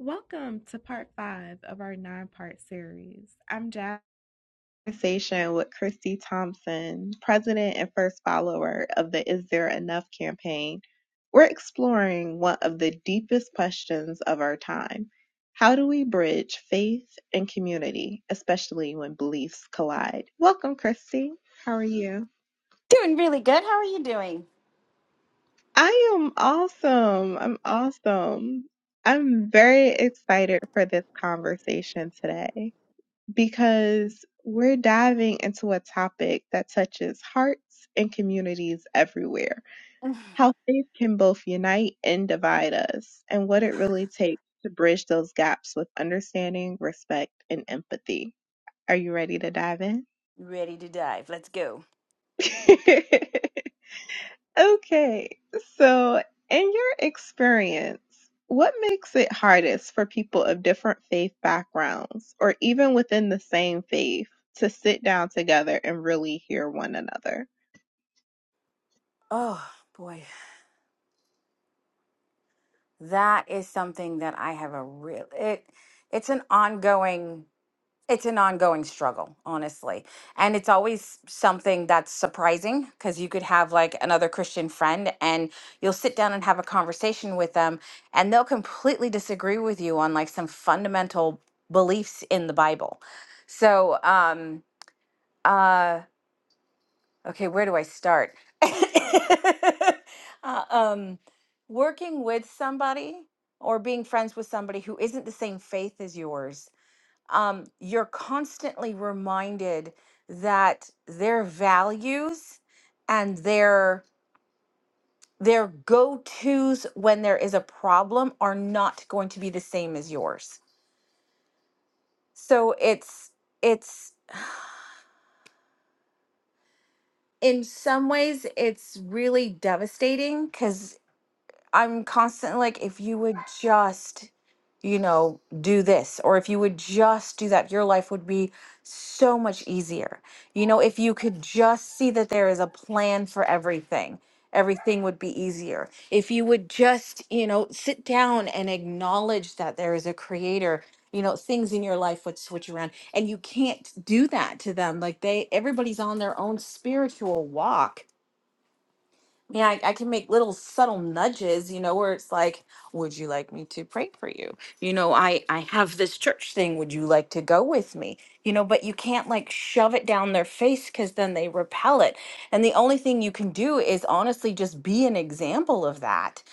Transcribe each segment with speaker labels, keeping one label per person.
Speaker 1: Welcome to part five of our nine part series. I'm Jazz. Conversation with Christy Thompson, president and first follower of the Is There Enough campaign. We're exploring one of the deepest questions of our time. How do we bridge faith and community, especially when beliefs collide? Welcome, Christy. How are you?
Speaker 2: Doing really good. How are you doing?
Speaker 1: I am awesome. I'm awesome. I'm very excited for this conversation today. because we're diving into a topic that touches hearts and communities everywhere. How faith can both unite and divide us, and what it really takes to bridge those gaps with understanding, respect, and empathy. Are you ready to dive in?
Speaker 2: Ready to dive. Let's go.
Speaker 1: Okay, so in your experience, what makes it hardest for people of different faith backgrounds or even within the same faith to sit down together and really hear one another?
Speaker 2: Oh boy. That is something that I have a real it it's an ongoing it's an ongoing struggle, honestly. And it's always something that's surprising because you could have like another Christian friend and you'll sit down and have a conversation with them and they'll completely disagree with you on like some fundamental beliefs in the Bible. So, um uh Okay, where do I start? Uh, um, working with somebody or being friends with somebody who isn't the same faith as yours, um, you're constantly reminded that their values and their their go-tos when there is a problem are not going to be the same as yours. So it's it's in some ways it's really devastating because. I'm constantly like, if you would just, you know, do this, or if you would just do that, your life would be so much easier. You know, if you could just see that there is a plan for everything, everything would be easier. If you would just, you know, sit down and acknowledge that there is a creator, you know, things in your life would switch around. And you can't do that to them. Like they, everybody's on their own spiritual walk yeah, I, I can make little subtle nudges, you know, where it's like, would you like me to pray for you? You know, I I have this church thing. Would you like to go with me? You know, but you can't like shove it down their face because then they repel it. And the only thing you can do is honestly just be an example of that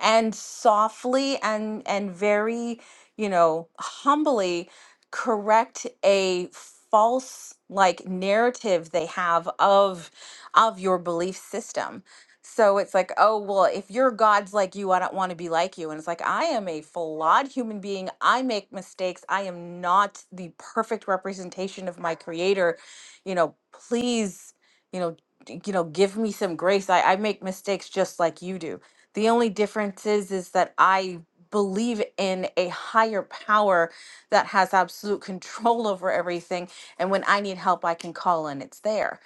Speaker 2: and softly and and very you know humbly correct a false like narrative they have of of your belief system so it's like oh well if your god's like you i don't want to be like you and it's like i am a flawed human being i make mistakes i am not the perfect representation of my creator you know please you know d- you know give me some grace i, I make mistakes just like you do the only difference is is that I believe in a higher power that has absolute control over everything and when I need help I can call and it's there.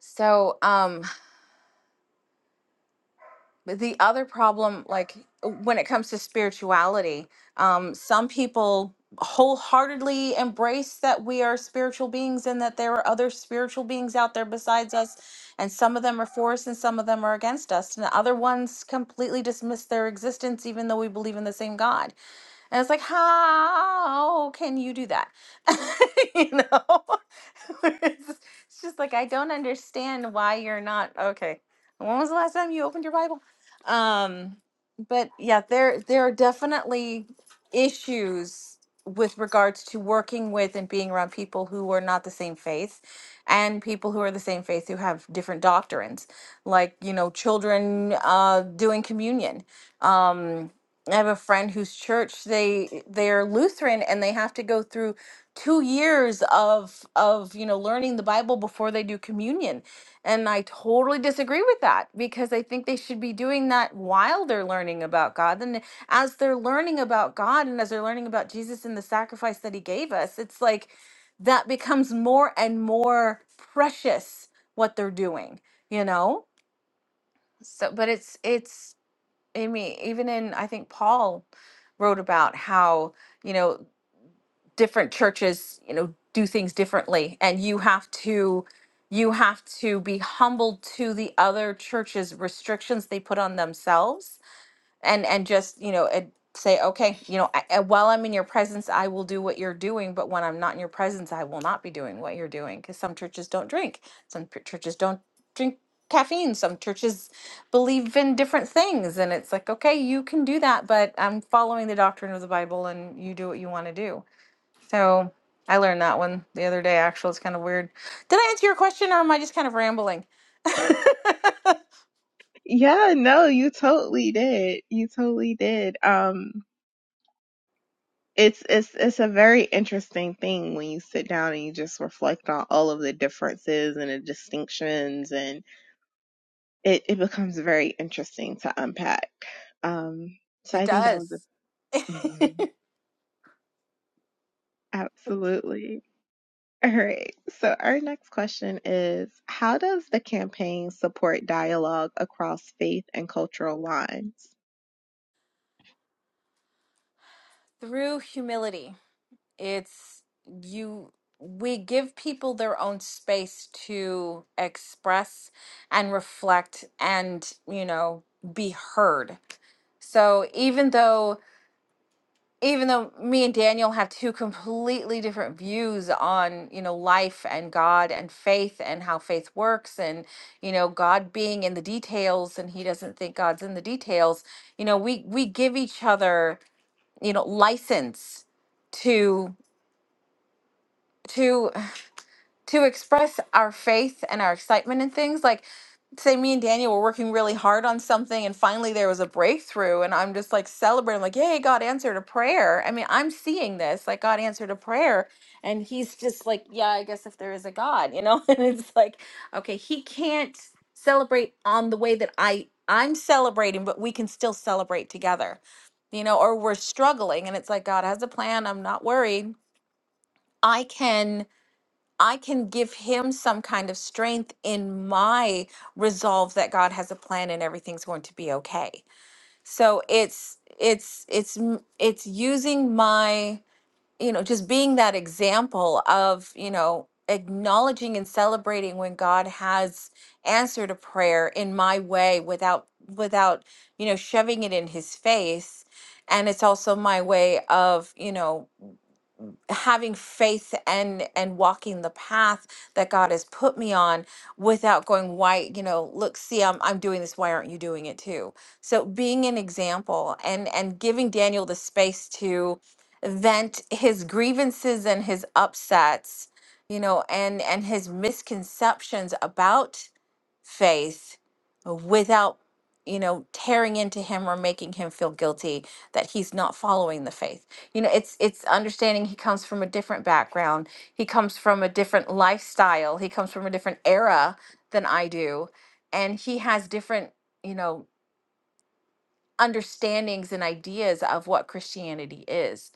Speaker 2: So, um But the other problem, like when it comes to spirituality, um, some people wholeheartedly embrace that we are spiritual beings and that there are other spiritual beings out there besides us. And some of them are for us and some of them are against us. And other ones completely dismiss their existence, even though we believe in the same God. And it's like, how can you do that? you know? it's, it's just like, I don't understand why you're not okay. When was the last time you opened your Bible? Um, but yeah, there there are definitely issues with regards to working with and being around people who are not the same faith and people who are the same faith who have different doctrines like you know children uh doing communion um, I have a friend whose church they they're Lutheran and they have to go through two years of of you know learning the Bible before they do communion. And I totally disagree with that because I think they should be doing that while they're learning about God. And as they're learning about God and as they're learning about Jesus and the sacrifice that he gave us, it's like that becomes more and more precious what they're doing, you know? So but it's it's I mean, even in, I think Paul wrote about how, you know, different churches, you know, do things differently and you have to you have to be humble to the other church's restrictions they put on themselves and and just you know and say okay you know I, I- while i'm in your presence i will do what you're doing but when i'm not in your presence i will not be doing what you're doing because some churches don't drink some p- churches don't drink caffeine some churches believe in different things and it's like okay you can do that but i'm following the doctrine of the bible and you do what you want to do so i learned that one the other day actually it's kind of weird did i answer your question or am i just kind of rambling
Speaker 1: Yeah, no, you totally did. You totally did. Um it's it's it's a very interesting thing when you sit down and you just reflect on all of the differences and the distinctions and it, it becomes very interesting to unpack. Um so
Speaker 2: it
Speaker 1: I think that was a
Speaker 2: does
Speaker 1: Mhm. Absolutely. All right. So, our next question is How does the campaign support dialogue across faith and cultural lines?
Speaker 2: Through humility, it's you, we give people their own space to express and reflect and, you know, be heard. So even though even though me and Daniel have two completely different views on, you know, life and God and faith and how faith works and, you know, God being in the details and he doesn't think God's in the details, you know, we we give each other you know license to to to express our faith and our excitement and things like say me and Daniel were working really hard on something and finally there was a breakthrough and I'm just like celebrating like yay God answered a prayer. I mean, I'm seeing this like God answered a prayer and he's just like yeah, I guess if there is a God, you know? And it's like okay, he can't celebrate on the way that I I'm celebrating, but we can still celebrate together. You know, or we're struggling and it's like God has a plan, I'm not worried. I can I can give him some kind of strength in my resolve that God has a plan and everything's going to be okay. So it's it's it's m- it's using my you know just being that example of you know acknowledging and celebrating when God has answered a prayer in my way without without you know shoving it in his face and it's also my way of you know having faith and and walking the path that God has put me on without going why you know look see I'm I'm doing this why aren't you doing it too so being an example and and giving Daniel the space to vent his grievances and his upsets you know and and his misconceptions about faith without you know tearing into him or making him feel guilty that he's not following the faith you know it's it's understanding he comes from a different background he comes from a different lifestyle he comes from a different era than i do and he has different you know understandings and ideas of what christianity is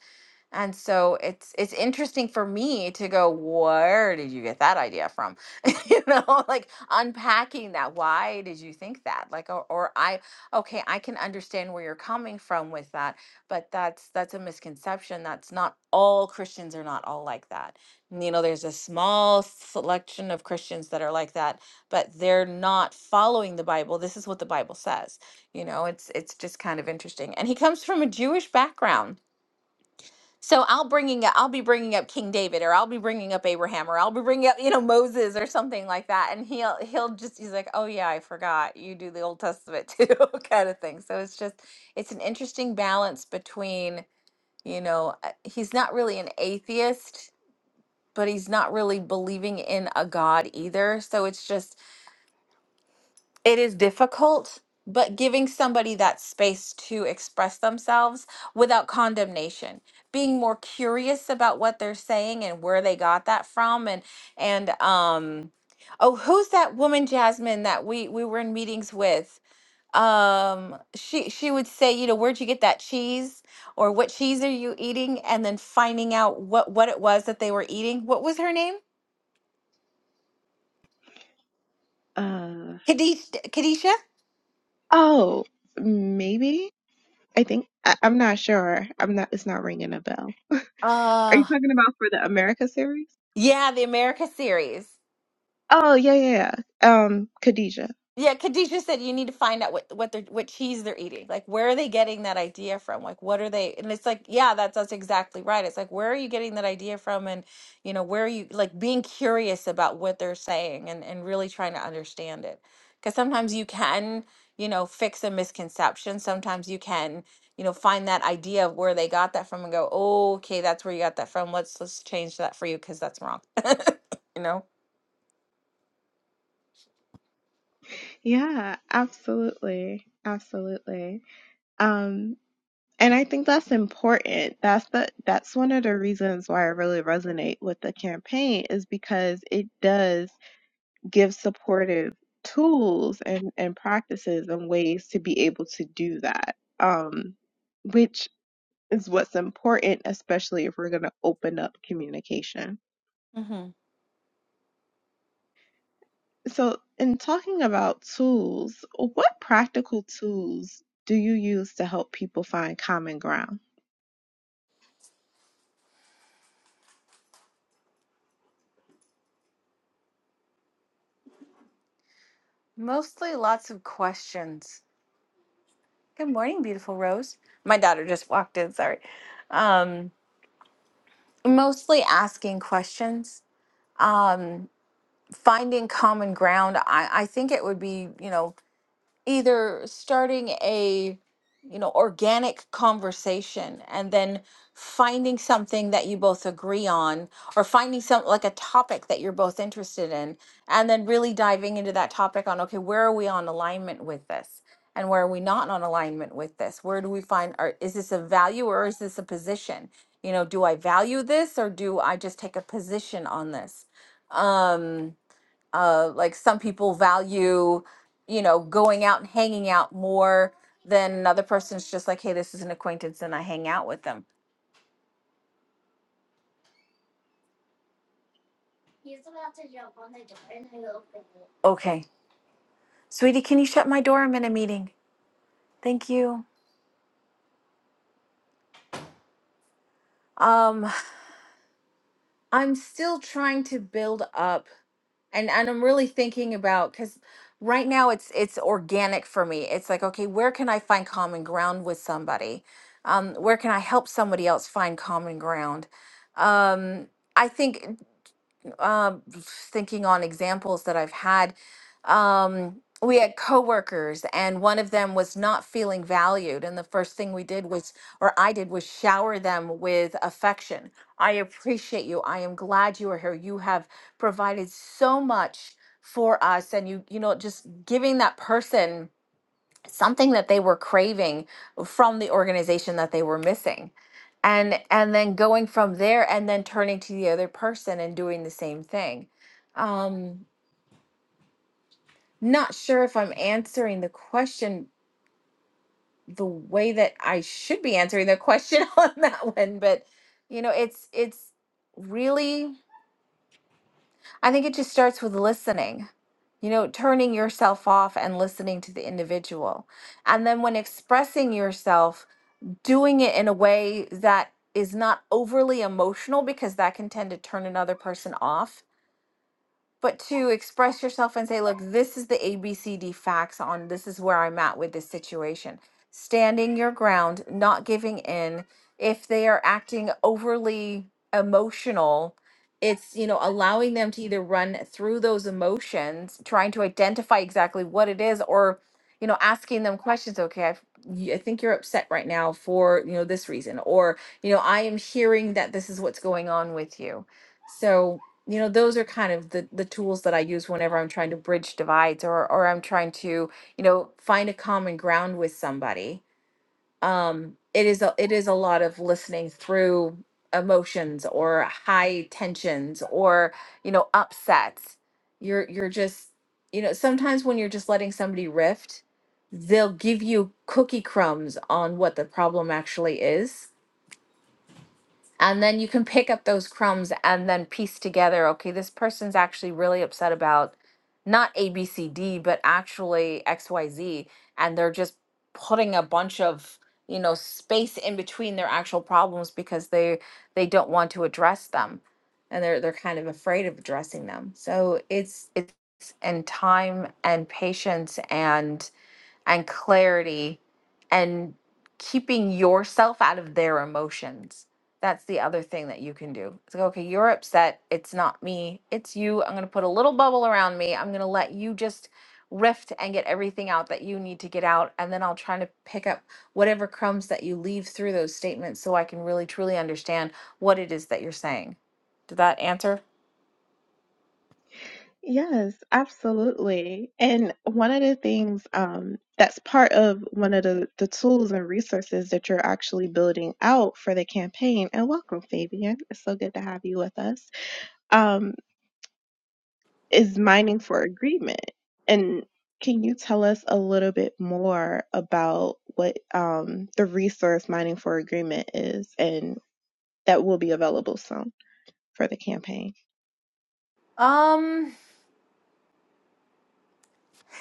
Speaker 2: and so it's it's interesting for me to go, where did you get that idea from? you know, like unpacking that. Why did you think that? Like or, or I okay, I can understand where you're coming from with that, but that's that's a misconception. That's not all Christians are not all like that. You know, there's a small selection of Christians that are like that, but they're not following the Bible. This is what the Bible says. You know, it's it's just kind of interesting. And he comes from a Jewish background so I'll bringing up, I'll be bringing up King David, or I'll be bringing up Abraham, or I'll be bringing up you know Moses or something like that, and he'll he'll just he's like, oh yeah, I forgot you do the Old Testament too, kind of thing. So it's just it's an interesting balance between you know uh, he's not really an atheist, but he's not really believing in a God either. So it's just it is difficult, but giving somebody that space to express themselves without condemnation, being more curious about what they're saying and where they got that from and and um oh, who's that woman Jasmine that we we were in meetings with? Um she she would say, you know, where'd you get that cheese or what cheese are you eating and then finding out what what it was that they were eating. What was her name?
Speaker 1: Uh,
Speaker 2: Kadish Kadisha?
Speaker 1: oh, maybe. I think I, I'm not sure. I'm not. It's not ringing a bell. Are you
Speaker 2: Uh
Speaker 1: talking about for the America series?
Speaker 2: yeah, the America series.
Speaker 1: Oh yeah, yeah, yeah. Um, Khadijah.
Speaker 2: Yeah, Khadijah said you need to find out what what they're what cheese they're eating. Like where are they getting that idea from? Like what are they and it's like, yeah, that's that's exactly right. It's like where are you getting that idea from and you know, where are you like being curious about what they're saying and and really trying to understand it. Cuz sometimes you can, you know, fix a misconception. Sometimes you can, you know, find that idea of where they got that from and go, "Oh, okay, that's where you got that from. Let's let's change that for you cuz that's wrong." you know?
Speaker 1: Yeah, absolutely, absolutely. Um, and I think that's important. That's the that's one of the reasons why I really resonate with the campaign is because it does give supportive tools and and practices and ways to be able to do that. Um, which. is what's important, especially if we're going to open up communication.
Speaker 2: hmm
Speaker 1: So, in talking about tools, what practical tools do you use to help people find common ground?
Speaker 2: Mostly lots of questions. Good morning, beautiful Rose. My daughter just walked in, sorry. Um, mostly asking questions, um, finding common ground. I, I think it would be, you know, either starting a you know organic conversation and then finding something that you both agree on or finding some like a topic that you're both interested in and then really diving into that topic on okay where are we on alignment with this and where are we not on alignment with this where do we find are is this a value or is this a position you know do i value this or do i just take a position on this Um, uh, like some people value you know going out and hanging out more than another person's just like hey this is an acquaintance and i hang out with them okay sweetie can you shut my door i'm in a meeting thank you um i'm still trying to build up and and i'm really thinking about because right now it's it's organic for me it's like okay where can i find common ground with somebody um where can i help somebody else find common ground um I think um, thinking on examples that I've had. Um, we had coworkers, and one of them was not feeling valued. And the first thing we did was, or I did, was shower them with affection. I appreciate you. I am glad you are here. You have provided so much for us, and you, you know, just giving that person something that they were craving from the organization that they were missing and and then going from there and then turning to the other person and doing the same thing um not sure if i'm answering the question the way that i should be answering the question on that one but you know it's it's really i think it just starts with listening you know turning yourself off and listening to the individual and then when expressing yourself doing it in a way that is not overly emotional because that can tend to turn another person off but to express yourself and say, look, this is the ABCD facts on this is where I'm at with this situation. Standing your ground, not giving in. If they are acting overly emotional, it's, you know, allowing them to either run through those emotions, trying to identify exactly what it is, or, you know, asking them questions. Okay, I've, y- I think you're upset right now for, you know, this reason, or, you know, I am hearing that this is what's going on with you. So, you know those are kind of the the tools that i use whenever i'm trying to bridge divides or or i'm trying to you know find a common ground with somebody um it is a it is a lot of listening through emotions or high tensions or you know upsets you're you're just you know sometimes when you're just letting somebody rift they'll give you cookie crumbs on what the problem actually is and then you can pick up those crumbs and then piece together, okay, this person's actually really upset about not A, B, C, D, but actually X, Y, Z. And they're just putting a bunch of, you know, space in between their actual problems because they they don't want to address them. And they're they're kind of afraid of addressing them. So it's it's and time and patience and and clarity and keeping yourself out of their emotions. That's the other thing that you can do. It's like, okay, you're upset. It's not me. It's you. I'm going to put a little bubble around me. I'm going to let you just rift and get everything out that you need to get out. And then I'll try to pick up whatever crumbs that you leave through those statements so I can really truly understand what it is that you're saying. Did that answer?
Speaker 1: Yes, absolutely. And one of the things um, that's part of one of the, the tools and resources that you're actually building out for the campaign, and welcome, Fabian. It's so good to have you with us, um, is mining for agreement. And can you tell us a little bit more about what um, the resource mining for agreement is and that will be available soon for the campaign?
Speaker 2: Um,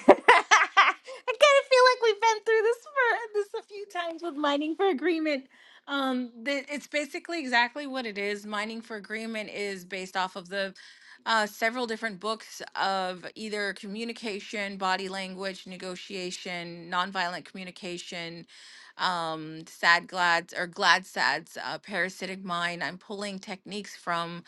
Speaker 2: I kind of feel like we've been through this for this a few times with mining for agreement. Um, that it's basically exactly what it is. Mining for agreement is based off of the uh, several different books of either communication, body language, negotiation, nonviolent communication, um, sad glads or glad sads, uh, parasitic mind. I'm pulling techniques from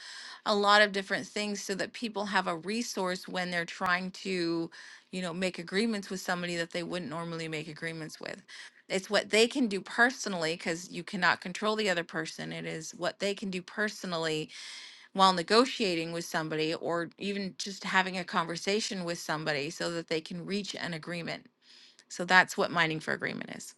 Speaker 2: a lot of different things so that people have a resource when they're trying to you know, make agreements with somebody that they wouldn't normally make agreements with. It's what they can do personally because you cannot control the other person. It is what they can do personally while negotiating with somebody or even just having a conversation with somebody so that they can reach an agreement. So that's what mining for agreement is.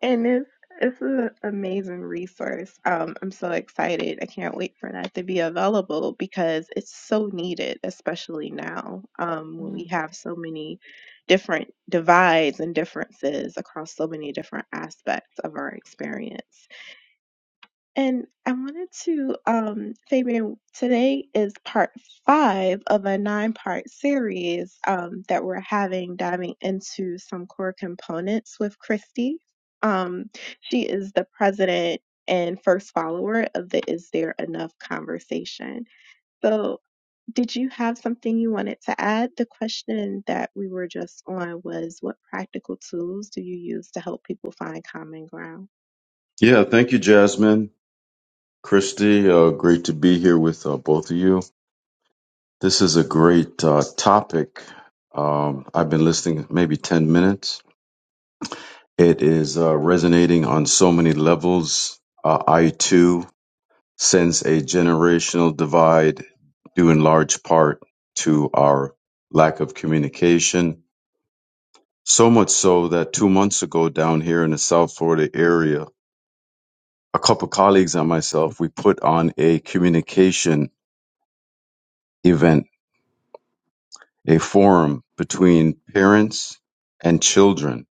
Speaker 1: And it's it's an amazing resource. Um, I'm so excited. I can't wait for that to be available because it's so needed, especially now um, when we have so many different divides and differences across so many different aspects of our experience. And I wanted to, um, Fabian, today is part five of a nine part series um, that we're having diving into some core components with Christy. Um, she is the president and first follower of the Is There Enough conversation. So, did you have something you wanted to add? The question that we were just on was what practical tools do you use to help people find common ground?
Speaker 3: Yeah, thank you, Jasmine, Christy. Uh, great to be here with uh, both of you. This is a great uh, topic. Um, I've been listening maybe 10 minutes. It is uh, resonating on so many levels. Uh, I too sense a generational divide due in large part to our lack of communication. So much so that two months ago down here in the South Florida area, a couple colleagues and myself, we put on a communication event a forum between parents and children.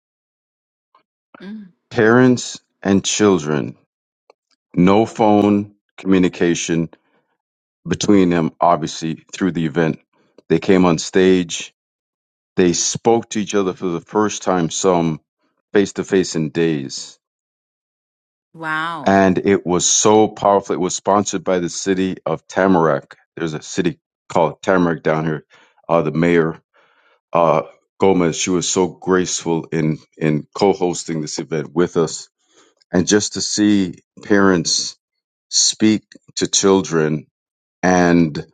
Speaker 2: Mm.
Speaker 3: Parents and children. No phone communication between them, obviously, through the event. They came on stage. They spoke to each other for the first time, some face to face in days.
Speaker 2: Wow.
Speaker 3: And it was so powerful. It was sponsored by the city of Tamarack. There's a city called Tamarack down here. Uh, the mayor uh, Gomez. She was so graceful in in co-hosting this event with us, and just to see parents speak to children and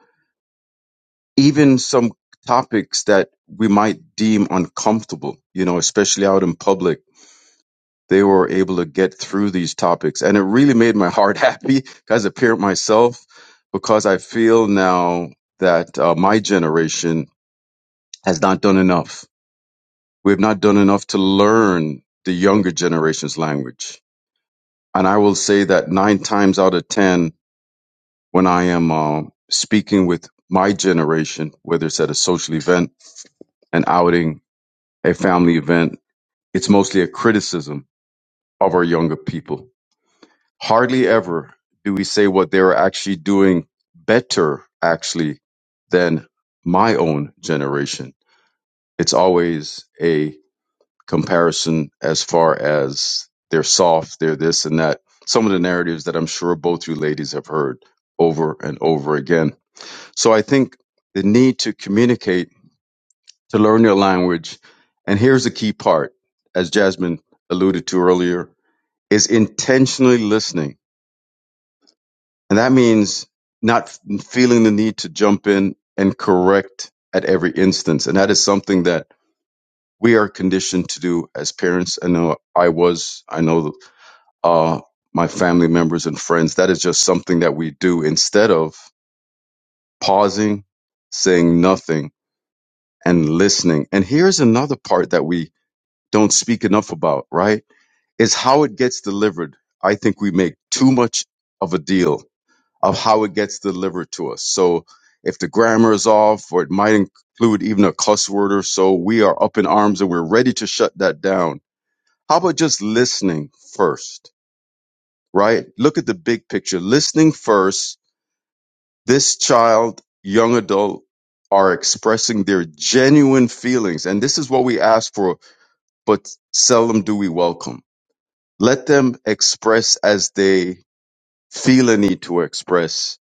Speaker 3: even some topics that we might deem uncomfortable, you know, especially out in public. They were able to get through these topics, and it really made my heart happy as a parent myself, because I feel now that uh, my generation has not done enough We have not done enough to learn the younger generation's language. And I will say that nine times out of 10, when I am uh, speaking with my generation, whether it's at a social event, an outing, a family event, it's mostly a criticism of our younger people. Hardly ever do we say what they're actually doing better, actually, than my own generation. It's always a comparison as far as they're soft, they're this and that. Some of the narratives that I'm sure both you ladies have heard over and over again. So I think the need to communicate, to learn your language, and here's the key part, as Jasmine alluded to earlier, is intentionally listening. And that means not f- feeling the need to jump in and correct at every instance. And that is something that we are conditioned to do as parents. I know I was. I know uh, my family members and friends. That is just something that we do instead of pausing, saying nothing, and listening. And here's another part that we don't speak enough about, right? Is how it gets delivered. I think we make too much of a deal of how it gets delivered to us. So if the grammar is off, or it might include even a cuss word or so, we are up in arms and we're ready to shut that down. How about just listening first? right? Look at the big picture. Listening first, this child, young adult, are expressing their genuine feelings. And this is what we ask for, but seldom do we welcome. Let them express as they feel a need to express,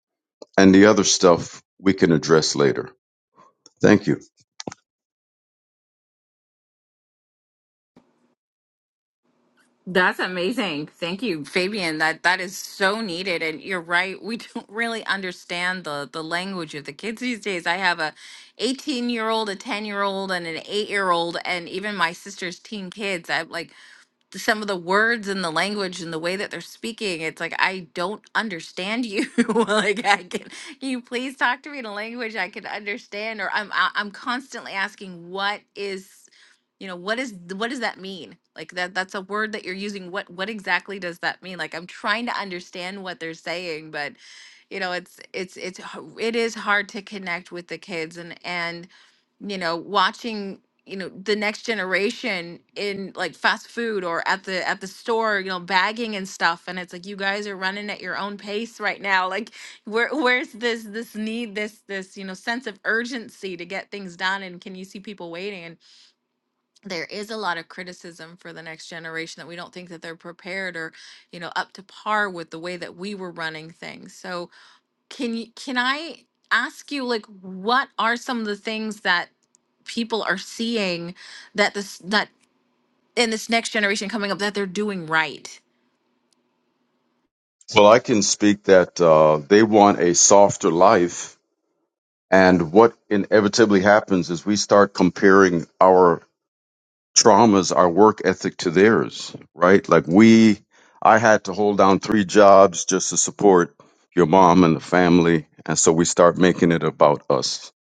Speaker 3: and the other stuff we can address later. Thank you.
Speaker 2: That's amazing. Thank you, Fabian. That that is so needed and you're right. We don't really understand the the language of the kids these days. I have a 18-year-old, a 10-year-old and an 8-year-old and even my sister's teen kids. I'm like some of the words and the language and the way that they're speaking it's like i don't understand you like i can can you please talk to me in a language i can understand or i'm I- i'm constantly asking what is you know what is what does that mean like that that's a word that you're using what what exactly does that mean like i'm trying to understand what they're saying but you know it's it's it's h- it is hard to connect with the kids and and you know watching you know the next generation in like fast food or at the at the store you know bagging and stuff and it's like you guys are running at your own pace right now like where where's this this need this this you know sense of urgency to get things done and can you see people waiting and there is a lot of criticism for the next generation that we don't think that they're prepared or you know up to par with the way that we were running things so can you can I ask you like what are some of the things that people are seeing that this that in this next generation coming up that they're doing right?
Speaker 3: Well, I can speak that uh, they want a softer life. And what inevitably happens is we start comparing our traumas our work ethic to theirs, right? Like we, I had to hold down three jobs just to support your mom and the family. And so we start making it about us,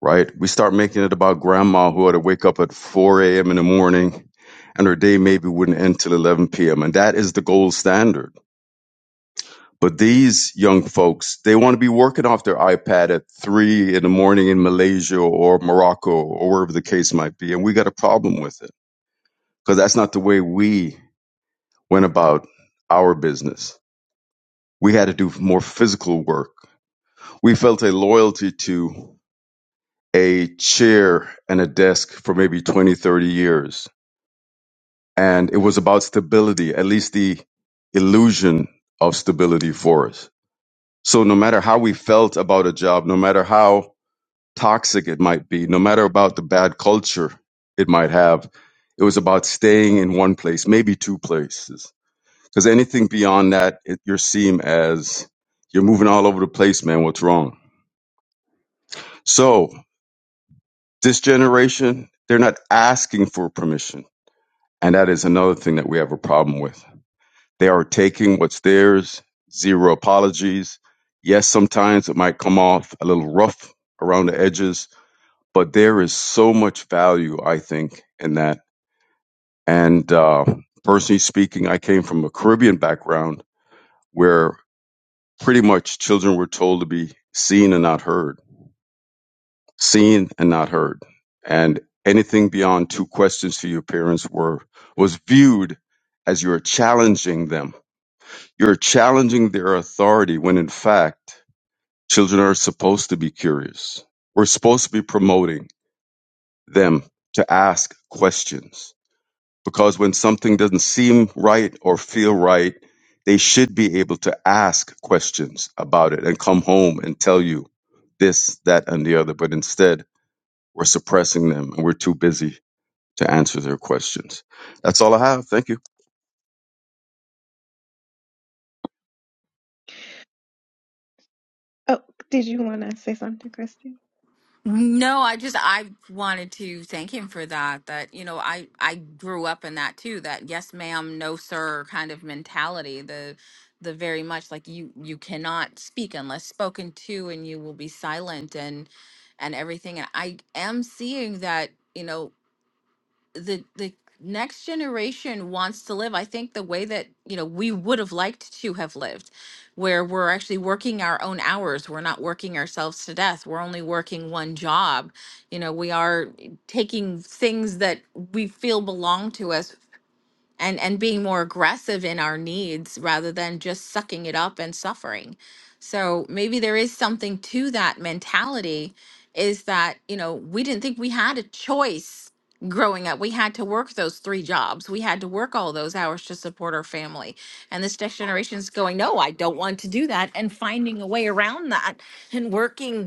Speaker 3: right? We start making it about grandma who had to wake up at 4 a.m. in the morning and her day maybe wouldn't end till 11 p.m. And that is the gold standard. But these young folks, they want to be working off their iPad at three in the morning in Malaysia or Morocco or wherever the case might be. And we got a problem with it because that's not the way we went about our business. We had to do more physical work. We felt a loyalty to a chair and a desk for maybe 20, 30 years. And it was about stability, at least the illusion of stability for us. So no matter how we felt about a job, no matter how toxic it might be, no matter about the bad culture it might have, it was about staying in one place, maybe two places Because anything beyond that, it, you're seen as you're moving all over the place, man. What's wrong? So this generation, they're not asking for permission. And that is another thing that we have a problem with. They are taking what's theirs, zero apologies. Yes, sometimes it might come off a little rough around the edges, but there is so much value, I think, in that. And uh, personally speaking, I came from a Caribbean background where pretty much children were told to be seen and not heard, seen and not heard. And anything beyond two questions to your parents were was viewed as you're challenging them. You're challenging their authority when in fact children are supposed to be curious. We're supposed to be promoting them to ask questions because when something doesn't seem right or feel right, they should be able to ask questions about it and come home and tell you this, that, and the other. But instead, we're suppressing them and we're too busy to answer their questions. That's all I have. Thank you.
Speaker 1: Oh, did you want to say something, Christy?
Speaker 2: No, I just I wanted to thank him for that. That you know, I I grew up in that too. That yes, ma'am, no, sir, kind of mentality. The the very much like you you cannot speak unless spoken to, and you will be silent and and everything. And I am seeing that you know the the next generation wants to live i think the way that you know we would have liked to have lived where we're actually working our own hours we're not working ourselves to death we're only working one job you know we are taking things that we feel belong to us and and being more aggressive in our needs rather than just sucking it up and suffering so maybe there is something to that mentality is that you know we didn't think we had a choice growing up we had to work those three jobs we had to work all those hours to support our family and this next generation is going no i don't want to do that and finding a way around that and working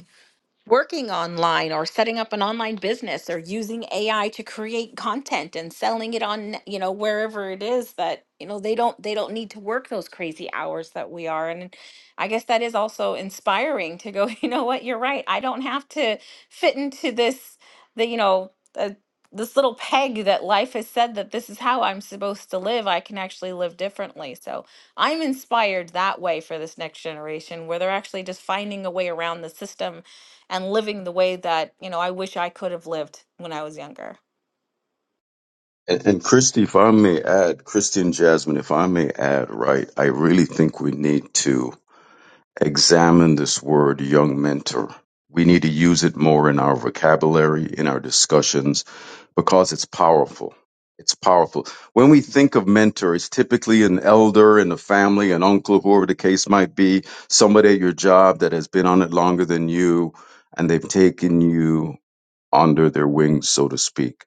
Speaker 2: working online or setting up an online business or using AI to create content and selling it on, you know, wherever it is that, you know, they don't they don't need to work those crazy hours that we are. And I guess that is also inspiring to go, you know what, you're right. I don't have to fit into this the, you know, uh, this little peg that life has said that this is how I'm supposed to live. I can actually live differently. So, I'm inspired that way for this next generation where they're actually just finding a way around the system and living the way that you know I wish I could have lived when I was younger.
Speaker 3: And, and Christy, if I may add, Christy and Jasmine, if I may add, right, I really think we need to Examine this word young mentor. We need to use it more in our vocabulary, in our discussions, because it's powerful. It's powerful. When we think of mentor, it's typically an elder in the family, an uncle, whoever the case might be, somebody at your job that has been on it longer than you, and they've taken you under their wing, so to speak.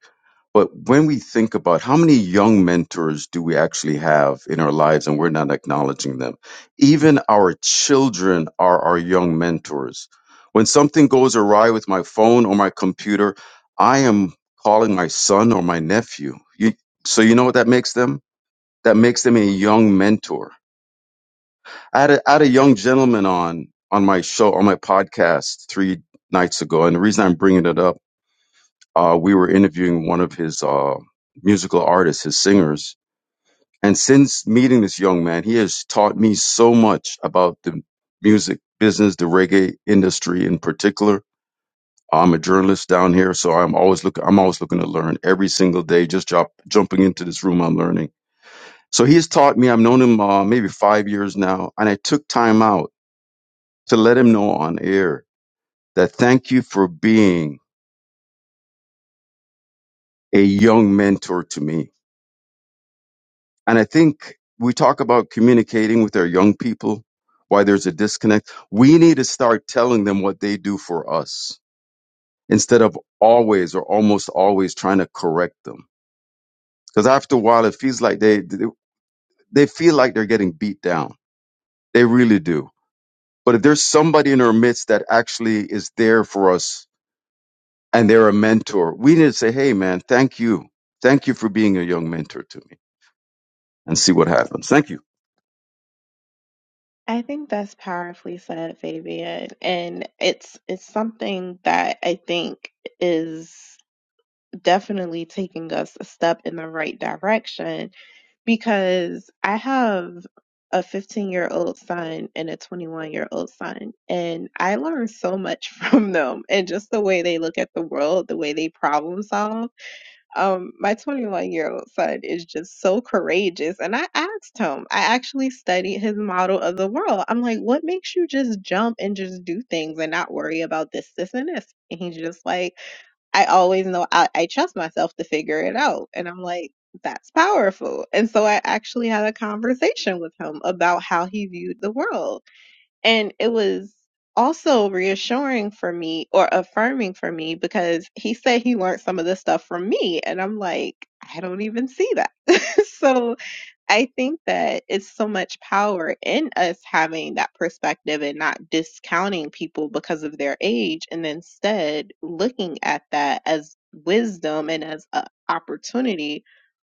Speaker 3: But when we think about how many young mentors do we actually have in our lives and we're not acknowledging them? Even our children are our young mentors. When something goes awry with my phone or my computer, I am calling my son or my nephew. You, so you know what that makes them? That makes them a young mentor. I had a, I had a young gentleman on on my show on my podcast three nights ago, and the reason I'm bringing it up uh, we were interviewing one of his uh, musical artists, his singers. And since meeting this young man, he has taught me so much about the music business, the reggae industry in particular. I'm a journalist down here, so I'm always look. I'm always looking to learn every single day. Just jump, jumping into this room, I'm learning. So he has taught me. I've known him uh, maybe five years now, and I took time out to let him know on air that thank you for being a young mentor to me And I think we talk about communicating with our young people, why there's a disconnect. We need to start telling them what they do for us instead of always or almost always trying to correct them. Because after a while, it feels like they, they feel like they're getting beat down. They really do. But if there's somebody in our midst that actually is there for us and they're a mentor, we need to say, Hey, man, thank you. Thank you for being a young mentor to me and see what happens. Thank you.
Speaker 1: I think that's powerfully said, Fabian. And it's it's something that I think is definitely taking us a step in the right direction because I have a 15 year old son and a 21 year old son, and I learn so much from them and just the way they look at the world, the way they problem solve um, my 21 year old son is just so courageous. And I asked him, I actually studied his model of the world. I'm like, what makes you just jump and just do things and not worry about this, this, and this? And he's just like, I always know I, I trust myself to figure it out. And I'm like, that's powerful. And so I actually had a conversation with him about how he viewed the world. And it was also reassuring for me or affirming for me because he said he learned some of this stuff from me. And I'm like, I don't even see that. so I think that it's so much power in us having that perspective and not discounting people because of their age and instead looking at that as wisdom and as an opportunity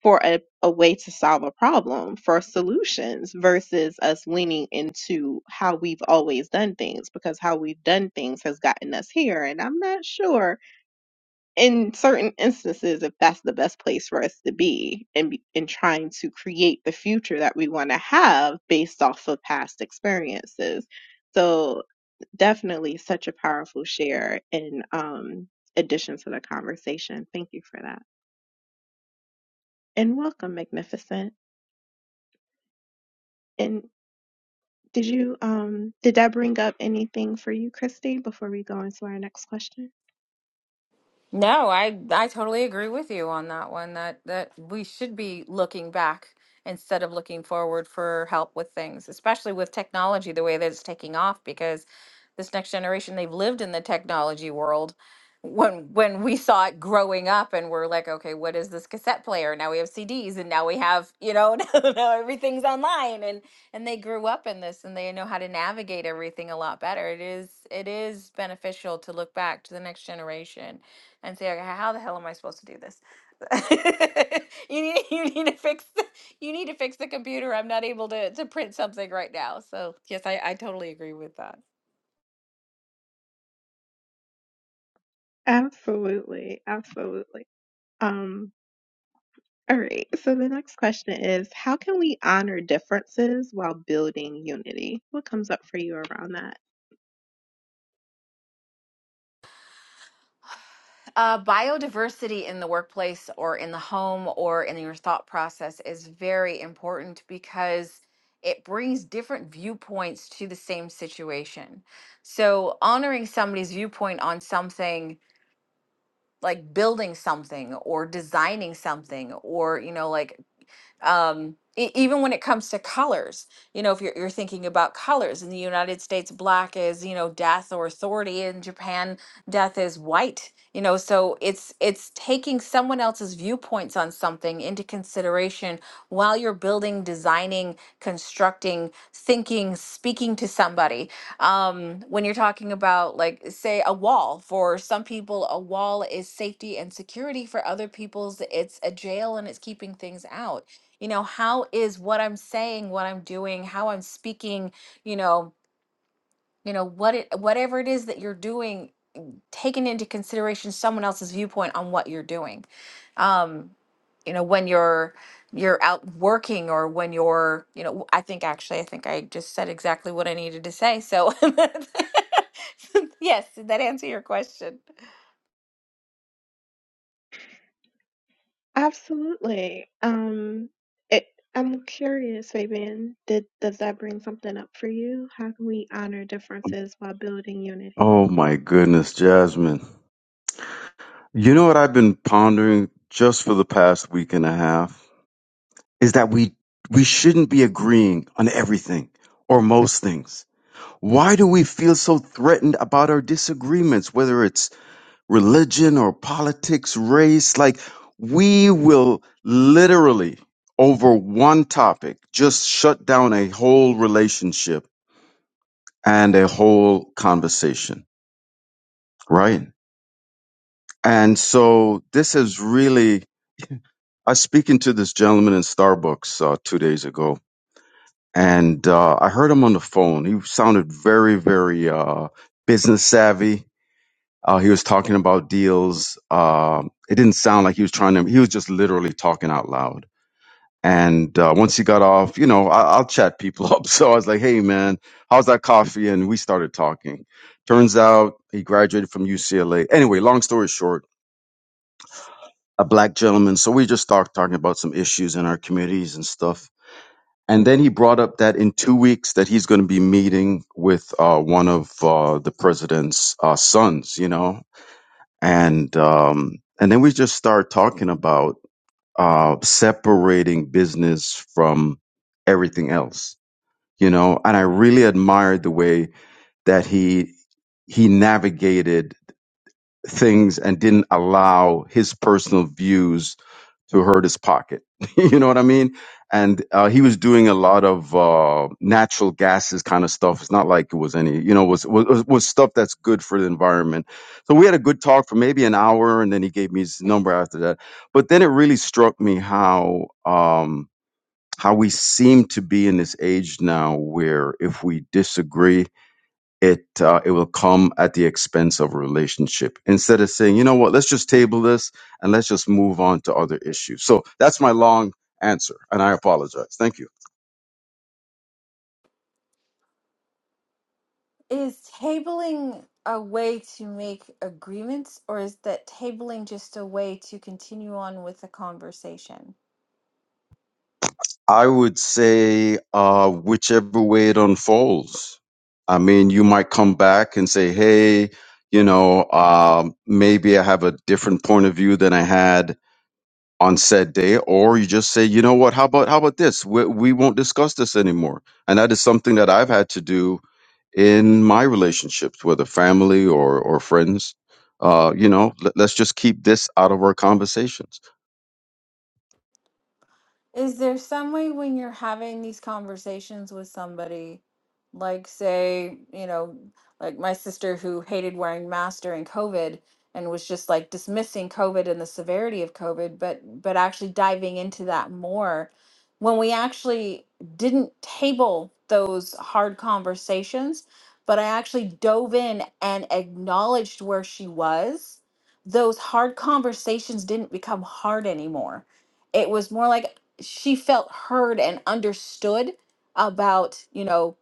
Speaker 1: for a, a way to solve a problem, for solutions versus us leaning into how we've always done things because how we've done things has gotten us here. And I'm not sure in certain instances if that's the best place for us to be in, in trying to create the future that we want to have based off of past experiences. So definitely such a powerful share in um, addition to the conversation. Thank you for that. And welcome, Magnificent. and. Did you um did that bring up anything for you, Christy, before we go into our next question?
Speaker 2: No, I I totally agree with you on that one that that we should be looking back instead of looking forward for help with things, especially with technology the way that it's taking off because this next generation they've lived in the technology world when when we saw it growing up and we're like, okay, what is this cassette player? Now we have CDs and now we have, you know, now now everything's online and and they grew up in this and they know how to navigate everything a lot better. It is it is beneficial to look back to the next generation and say, okay, how the hell am I supposed to do this? you need you need to fix the, you need to fix the computer. I'm not able to to print something right now. So yes, I, I totally agree with that.
Speaker 1: Absolutely, absolutely. Um, all right. So the next question is, how can we honor differences while building unity? What comes up for you around that?
Speaker 2: Uh, biodiversity in the workplace or in the home or in your thought process is very important because it brings different viewpoints to the same situation. So, honoring somebody's viewpoint on something like building something or designing something or, you know, like Um, e- even when it comes to colors, you know, if you're, you're thinking about colors in the United States, black is, you know, death or authority. In Japan, death is white. You know, so it's it's taking someone else's viewpoints on something into consideration while you're building, designing, constructing, thinking, speaking to somebody. Um, when you're talking about like say a wall, for some people a wall is safety and security, for other people's it's a jail and it's keeping things out you know how is what i'm saying what i'm doing how i'm speaking you know you know what it whatever it is that you're doing taking into consideration someone else's viewpoint on what you're doing um you know when you're you're out working or when you're you know i think actually i think i just said exactly what i needed to say so yes did that answer your question
Speaker 1: Absolutely. Um, it, I'm curious, Fabian, did, does that bring something up for you? How can we honor differences while building unity?
Speaker 3: Oh my goodness, Jasmine. You know what I've been pondering just for the past week and a half is that we we shouldn't be agreeing on everything or most things. Why do we feel so threatened about our disagreements whether it's religion or politics, race like we will literally over one topic just shut down a whole relationship and a whole conversation, right? And so this is really I was speaking to this gentleman in Starbucks uh, two days ago, and uh, I heard him on the phone. He sounded very, very uh, business savvy. Uh, he was talking about deals. Um it didn't sound like he was trying to. He was just literally talking out loud. And uh, once he got off, you know, I, I'll chat people up. So I was like, "Hey, man, how's that coffee?" And we started talking. Turns out he graduated from UCLA. Anyway, long story short, a black gentleman. So we just talked talking about some issues in our communities and stuff And then he brought up that in two weeks that he's going to be meeting with uh, one of uh, the president's uh, sons, you know, and um, and then we just start talking about uh, separating business from everything else, you know. And I really admired the way that he he navigated things and didn't allow his personal views to hurt his pocket. you know what I mean? And uh, he was doing a lot of uh, natural gases kind of stuff. It's not like it was any, you know, was, was was stuff that's good for the environment. So we had a good talk for maybe an hour, and then he gave me his number after that. But then it really struck me how um, how we seem to be in this age now, where if we disagree, it uh, it will come at the expense of a relationship instead of saying you know what let's just table this and let's just move on to other issues so that's my long answer and i apologize thank you
Speaker 2: Is tabling a way to make agreements, or is that tabling just a way to continue on with the conversation?
Speaker 3: i would say uh, whichever way it unfolds i mean you might come back and say hey you know um, maybe i have a different point of view than i had on said day, or you just say, you know what, how about how about this? We, we won't discuss this anymore. And that is something that I've had to do in my relationships, whether family or or friends. Uh, you know, let, let's just keep this out of our conversations.
Speaker 2: Is there some way when you're having these conversations with somebody, like say, you know, like my sister who hated wearing masks during COVID and was just like dismissing COVID and the severity of COVID, but but actually diving into that more when we actually didn't table those hard conversations, but I actually dove in and acknowledged where she was, those hard conversations didn't become hard anymore it was more like she felt heard and understood about you know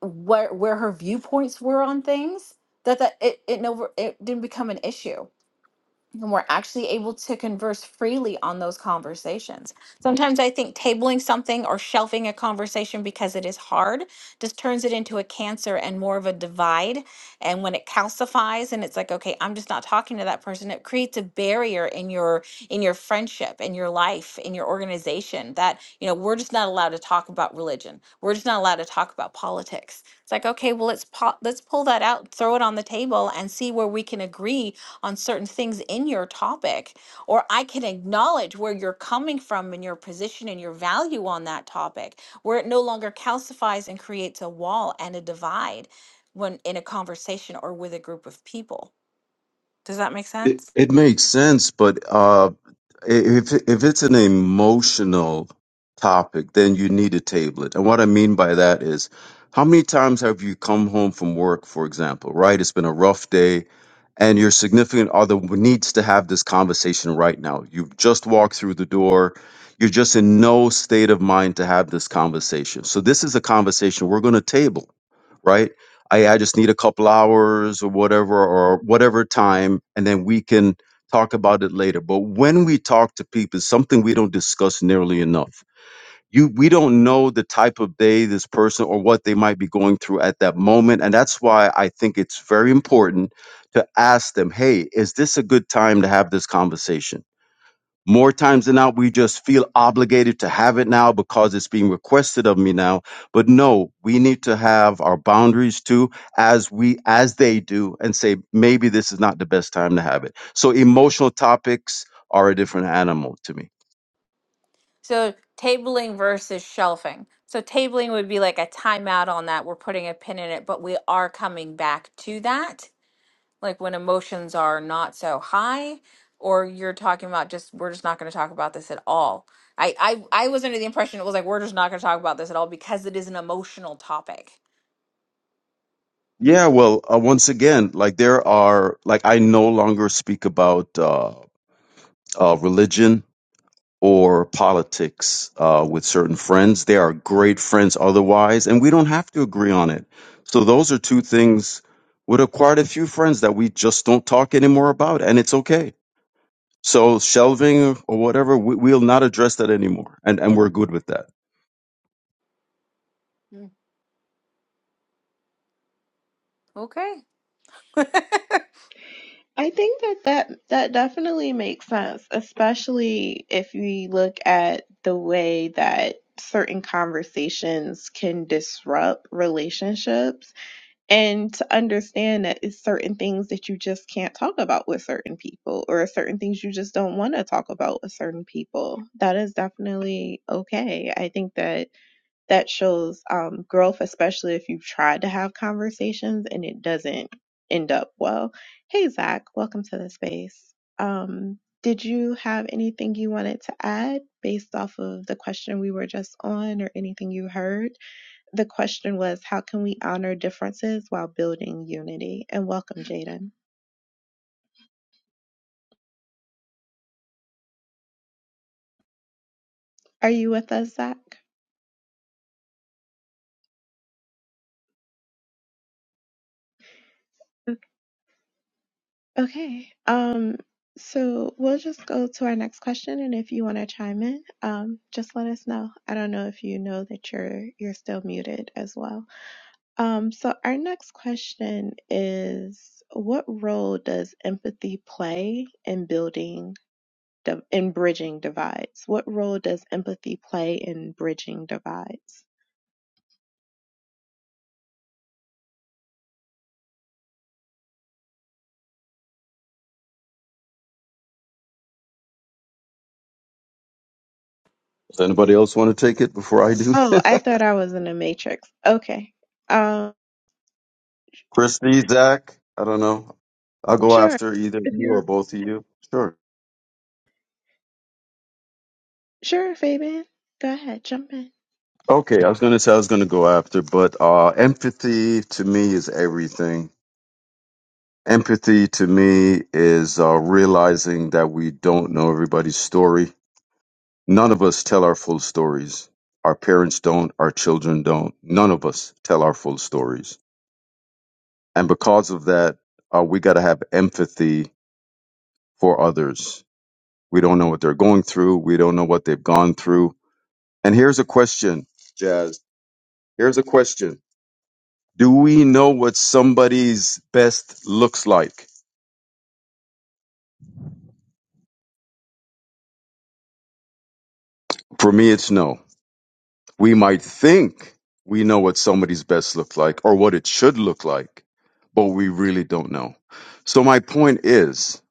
Speaker 2: where where her viewpoints were on things that that it it never it didn't become an issue and we're actually able to converse freely on those conversations. Sometimes I think tabling something or shelving a conversation because it is hard just turns it into a cancer and more of a divide. And when it calcifies and it's like, okay, I'm just not talking to that person, it creates a barrier in your in your friendship, in your life, in your organization that, you know, we're just not allowed to talk about religion. We're just not allowed to talk about politics it's like, okay, well, let's po- let's pull that out, throw it on the table, and see where we can agree on certain things in your topic, or I can acknowledge where you're coming from and your position and your value on that topic, where it no longer calcifies and creates a wall and a divide when in a conversation or with a group of people. Does that make
Speaker 3: It,
Speaker 2: sense?
Speaker 3: it makes sense, but uh, i- if if it's an emotional topic, then you need to table it. And what I mean by that is, how many times have you come home from work, for example, right? It's been a rough day and your significant other needs to have this conversation right now. You've just walked through the door. You're just in no state of mind to have this conversation. So this is a conversation we're going to table, right? I, I just need a couple hours or whatever or whatever time, and then we can talk about it later. But when we talk to people, it's something we don't discuss nearly enough you we don't know the type of day this person or what they might be going through at that moment and that's why i think it's very important to ask them hey is this a good time to have this conversation more times than not we just feel obligated to have it now because it's being requested of me now but no we need to have our boundaries too as we as they do and say maybe this is not the best time to have it so emotional topics are a different animal to me
Speaker 2: So tabling versus shelving. So tabling would be like a timeout on that. We're putting a pin in it, but we are coming back to that like when emotions are not so high or you're talking about just we're just not going to talk about this at all I, I i was under the impression it was like we're just not going to talk about this at all because it is an emotional topic
Speaker 3: yeah, well, uh, once again, like there are, like I no longer speak about uh, uh, religion or politics uh, with certain friends. They are great friends otherwise, and we don't have to agree on it. So those are two things with a, quite a few friends that we just don't talk anymore about, and it's okay. So shelving or whatever, we, we'll not address that anymore, and and we're good with that.
Speaker 2: Mm, okay
Speaker 1: I think that that, that definitely makes sense, especially if we look at the way that certain conversations can disrupt relationships. and to understand that it's certain things that you just can't talk about with certain people or certain things you just don't want to talk about with certain people that is definitely okay i think that that shows um, growth especially if you've tried to have conversations and it doesn't end up well hey zach welcome to the space um, did you have anything you wanted to add based off of the question we were just on or anything you heard the question was, how can we honor differences while building unity? And welcome, Jaden. Are you with us, Zach? Okay. Um, so we'll just go to our next question, and if you want to chime in, um, just let us know. I don't know if you know that you're you're still muted as well. Um, so our next question is, what role does empathy play in building div- in bridging divides? What role does empathy play in bridging divides?
Speaker 3: Does anybody else want to take it before I do?
Speaker 1: Oh, I thought I was in the Matrix. Okay. Um,
Speaker 3: Christy, Zach, I don't know. I'll go
Speaker 1: sure.
Speaker 3: after either
Speaker 1: If
Speaker 3: you or
Speaker 1: you're
Speaker 3: both of you. Sure.
Speaker 1: sure, Fabian, go ahead, jump in.
Speaker 3: Okay, I was going to say I was going to go after, but uh, empathy to me is everything. Empathy to me is uh, realizing that we don't know everybody's story. None of us tell our full stories. Our parents don't, our children don't. None of us tell our full stories. And because of that, uh, we got to have empathy for others We don't know what they're going through. We don't know what they've gone through. And here's a question, Jazz. Here's a question. Do we know what somebody's best looks like? For me, it's no. We might think we know what somebody's best looks like or what it should look like, but we really don't know. So my point is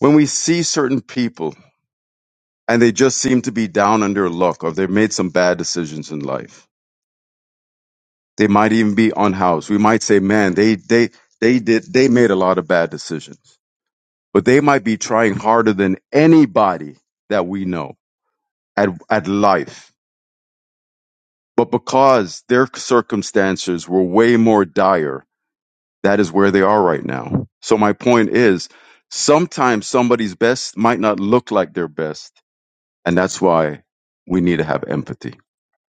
Speaker 3: when we see certain people and they just seem to be down on their luck or they've made some bad decisions in life, They might even be unhoused. We might say, man, they they they did they made a lot of bad decisions. But they might be trying harder than anybody that we know at at life. But because their circumstances were way more dire, that is where they are right now. So my point is sometimes somebody's best might not look like their best, and that's why we need to have empathy.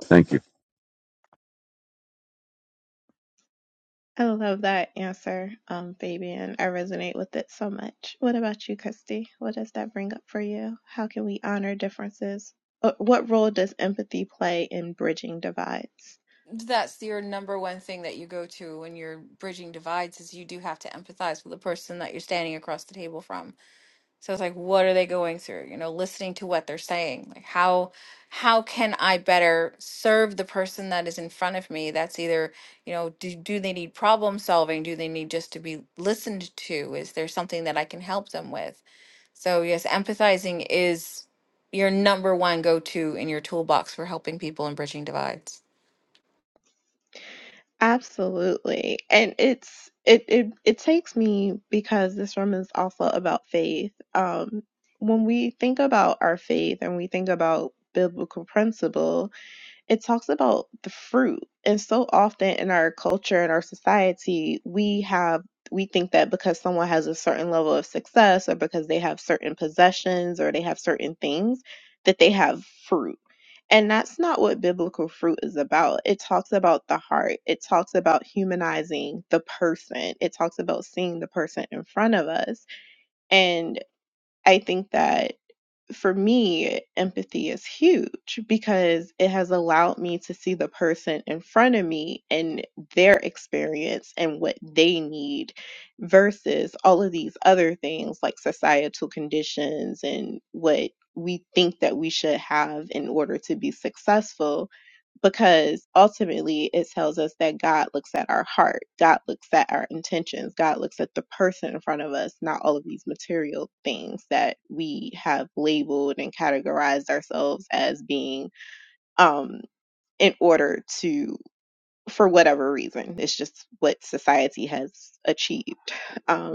Speaker 3: Thank you.
Speaker 1: I love that answer, um, Fabian. I resonate with it so much. What about you, Kirsty? What does that bring up for you? How can we honor differences? Uh, What role does empathy play in bridging divides?
Speaker 2: that's your number one thing that you go to when you're bridging divides is you do have to empathize with the person that you're standing across the table from So it's like, what are they going through? You know, listening to what they're saying. Like, how how can I better serve the person that is in front of me? That's either, you know, do, do they need problem solving? Do they need just to be listened to? Is there something that I can help them with? So yes, empathizing is your number one go to in your toolbox for helping people and bridging divides.
Speaker 1: Absolutely. And it's it it it takes me because this room is also about faith. Um when we think about our faith and we think about biblical principle, it talks about the fruit. And so often in our culture and our society, we have we think that because someone has a certain level of success or because they have certain possessions or they have certain things that they have fruit. And that's not what biblical fruit is about. It talks about the heart. It talks about humanizing the person. It talks about seeing the person in front of us. And I think that for me, empathy is huge because it has allowed me to see the person in front of me and their experience and what they need versus all of these other things like societal conditions and what we think that we should have in order to be successful because ultimately it tells us that God looks at our heart, God looks at our intentions, God looks at the person in front of us, not all of these material things that we have labeled and categorized ourselves as being um, in order to, for whatever reason, it's just what society has achieved. Um,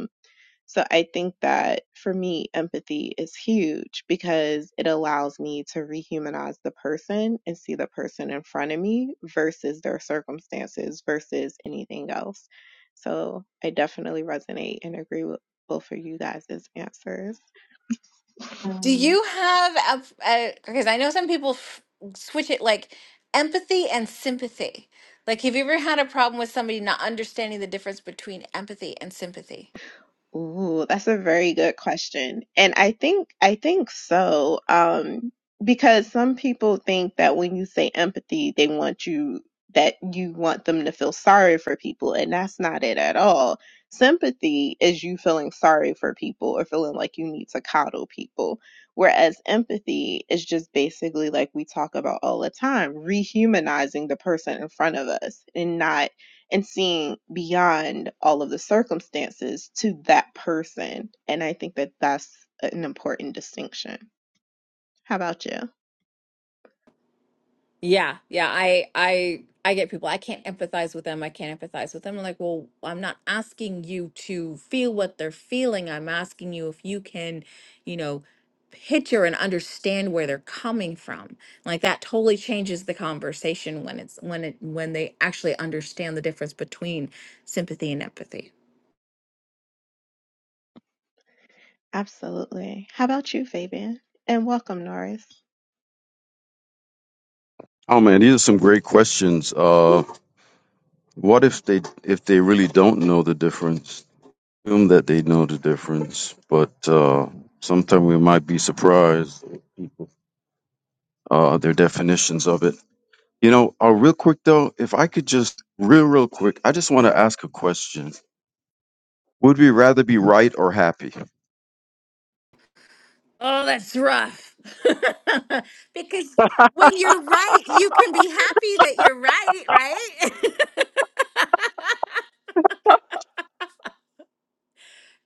Speaker 1: so I think that for me, empathy is huge because it allows me to rehumanize the person and see the person in front of me versus their circumstances versus anything else. So I definitely resonate and agree with both of you guys' answers.
Speaker 2: Do
Speaker 1: Um,
Speaker 2: you have a, f- a- because I know some people f switch it like empathy and sympathy. Like, have you ever had a problem with somebody not understanding the difference between empathy and sympathy?
Speaker 1: Ooh, that's a very good question. And I think I think so. Um, because some people think that when you say empathy, they want you that you want them to feel sorry for people, and that's not it at all. Sympathy is you feeling sorry for people or feeling like you need to coddle people. Whereas empathy is just basically like we talk about all the time, rehumanizing the person in front of us and not and seeing beyond all of the circumstances to that person. And I think that that's an important distinction. How about you?
Speaker 2: Yeah, yeah. I I I get people. I can't empathize with them. I can't empathize with them. I'm like, well, I'm not asking you to feel what they're feeling. I'm asking you if you can, you know, picture and understand where they're coming from. Like that totally changes the conversation when it's when it when they actually understand the difference between sympathy and empathy.
Speaker 1: Absolutely. How about you, Fabian? And welcome, Norris.
Speaker 3: Oh man, these are some great questions. Uh What if they if they really don't know the difference? Assume that they know the difference, but uh, sometimes we might be surprised uh, their definitions of it. You know, uh, real quick though, if I could just real real quick, I just want to ask a question. Would we rather be right or happy?
Speaker 2: Oh, that's rough. Because when you're right, you can be happy that you're right, right?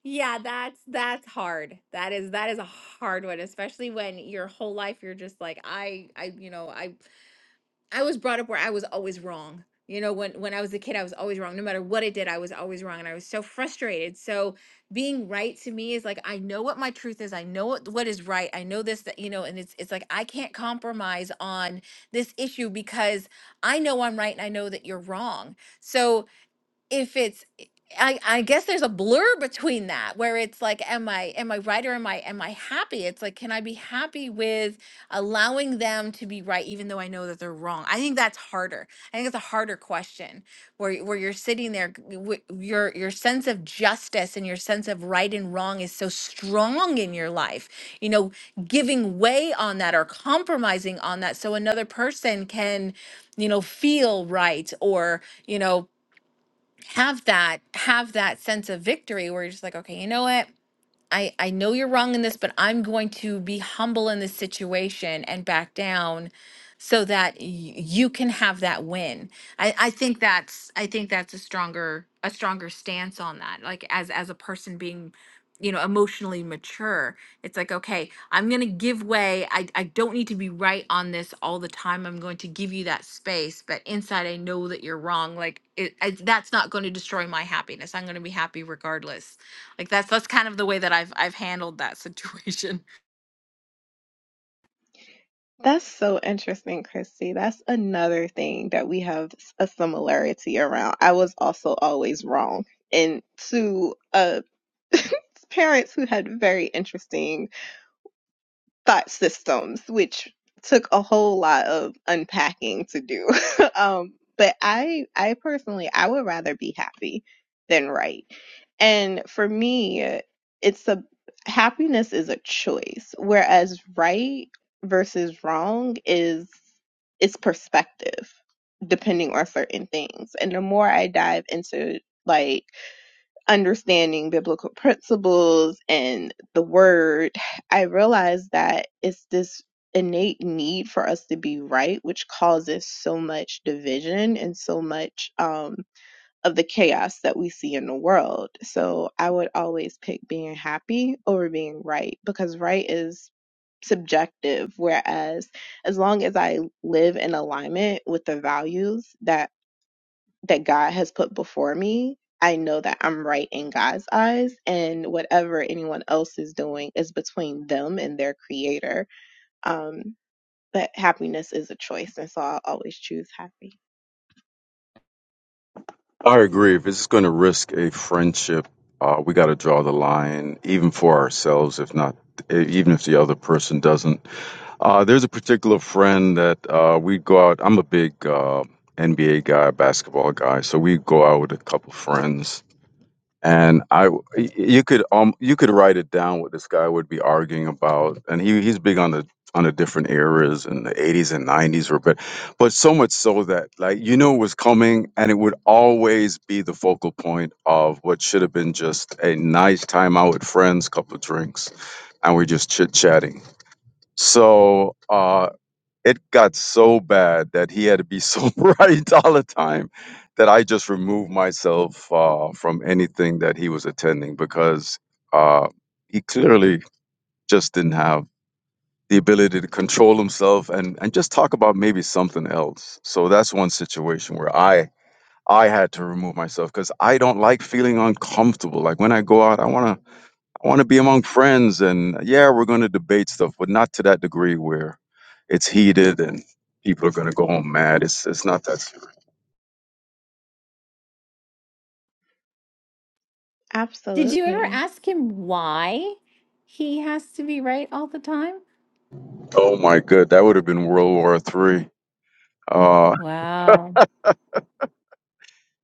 Speaker 2: Yeah, that's that's hard. That is that is a hard one, especially when your whole life you're just like I I you know, I I was brought up where I was always wrong. You know, when when I was a kid, I was always wrong. No matter what I did, I was always wrong and I was so frustrated. So being right to me is like I know what my truth is. I know what what is right. I know this that you know, and it's it's like I can't compromise on this issue because I know I'm right and I know that you're wrong. So if it's I, I guess there's a blur between that where it's like am i am i right or am i am i happy it's like can i be happy with allowing them to be right even though i know that they're wrong i think that's harder i think it's a harder question where y- where you're sitting there g- w- your your sense of justice and your sense of right and wrong is so strong in your life you know giving way on that or compromising on that so another person can you know feel right or you know have that have that sense of victory where you're just like okay you know what I, I know you're wrong in this, but I'm going to be humble in this situation and back down so that y- you can have that win. I, I think that's I think that's a stronger a stronger stance on that. Like as as a person being, you know, emotionally mature, it's like, okay, I'm gonna give way. I, I don't need to be right on this all the time. I'm going to give you that space, but inside I know that you're wrong. Like it, I, that's not going to destroy my happiness. I'm gonna be happy regardless like that's that's kind of the way that I've I've handled that situation.
Speaker 1: That's so interesting, Christy. That's another thing that we have a similarity around. I was also always wrong. And to uh, parents who had very interesting thought systems, which took a whole lot of unpacking to do. um, but I, I personally, I would rather be happy than right. And for me, it's a happiness is a choice, whereas right versus wrong is its perspective, depending on certain things. And the more I dive into like understanding biblical principles and the word, I realized that it's this innate need for us to be right, which causes so much division and so much um, of the chaos that we see in the world. So I would always pick being happy over being right because right is subjective, whereas as long as I live in alignment with the values that that God has put before me, I know that I'm right in God's eyes, and whatever anyone else is doing is between them and their creator. Um, but happiness is a choice, and so I'll always choose happy.
Speaker 3: I agree. If it's going to risk a friendship, uh, we got to draw the line, even for ourselves. If not, e- even if the other person doesn't. Uh, there's a particular friend that uh, we go out. I'm a big uh, NBA guy, basketball guy, so we go out with a couple friends, and I, you could um you could write it down what this guy would be arguing about, and he he's big on the on the different eras and the 80s and 90s were but but so much so that like you know it was coming and it would always be the focal point of what should have been just a nice time out with friends couple of drinks and we're just chit-chatting so uh it got so bad that he had to be so bright all the time that I just removed myself uh, from anything that he was attending because uh, he clearly just didn't have the ability to control himself and, and just talk about maybe something else. So that's one situation where I I had to remove myself because I don't like feeling uncomfortable. Like when I go out, I want to I want to be among friends, and yeah, we're going to debate stuff, but not to that degree where it's heated and people are going to go home mad. It's it's not that. serious.
Speaker 2: Did you ever
Speaker 1: Absolutely.
Speaker 2: ask him why he has to be right all the time?
Speaker 3: Oh my good, that would have been World War Three. Uh,
Speaker 2: Wow.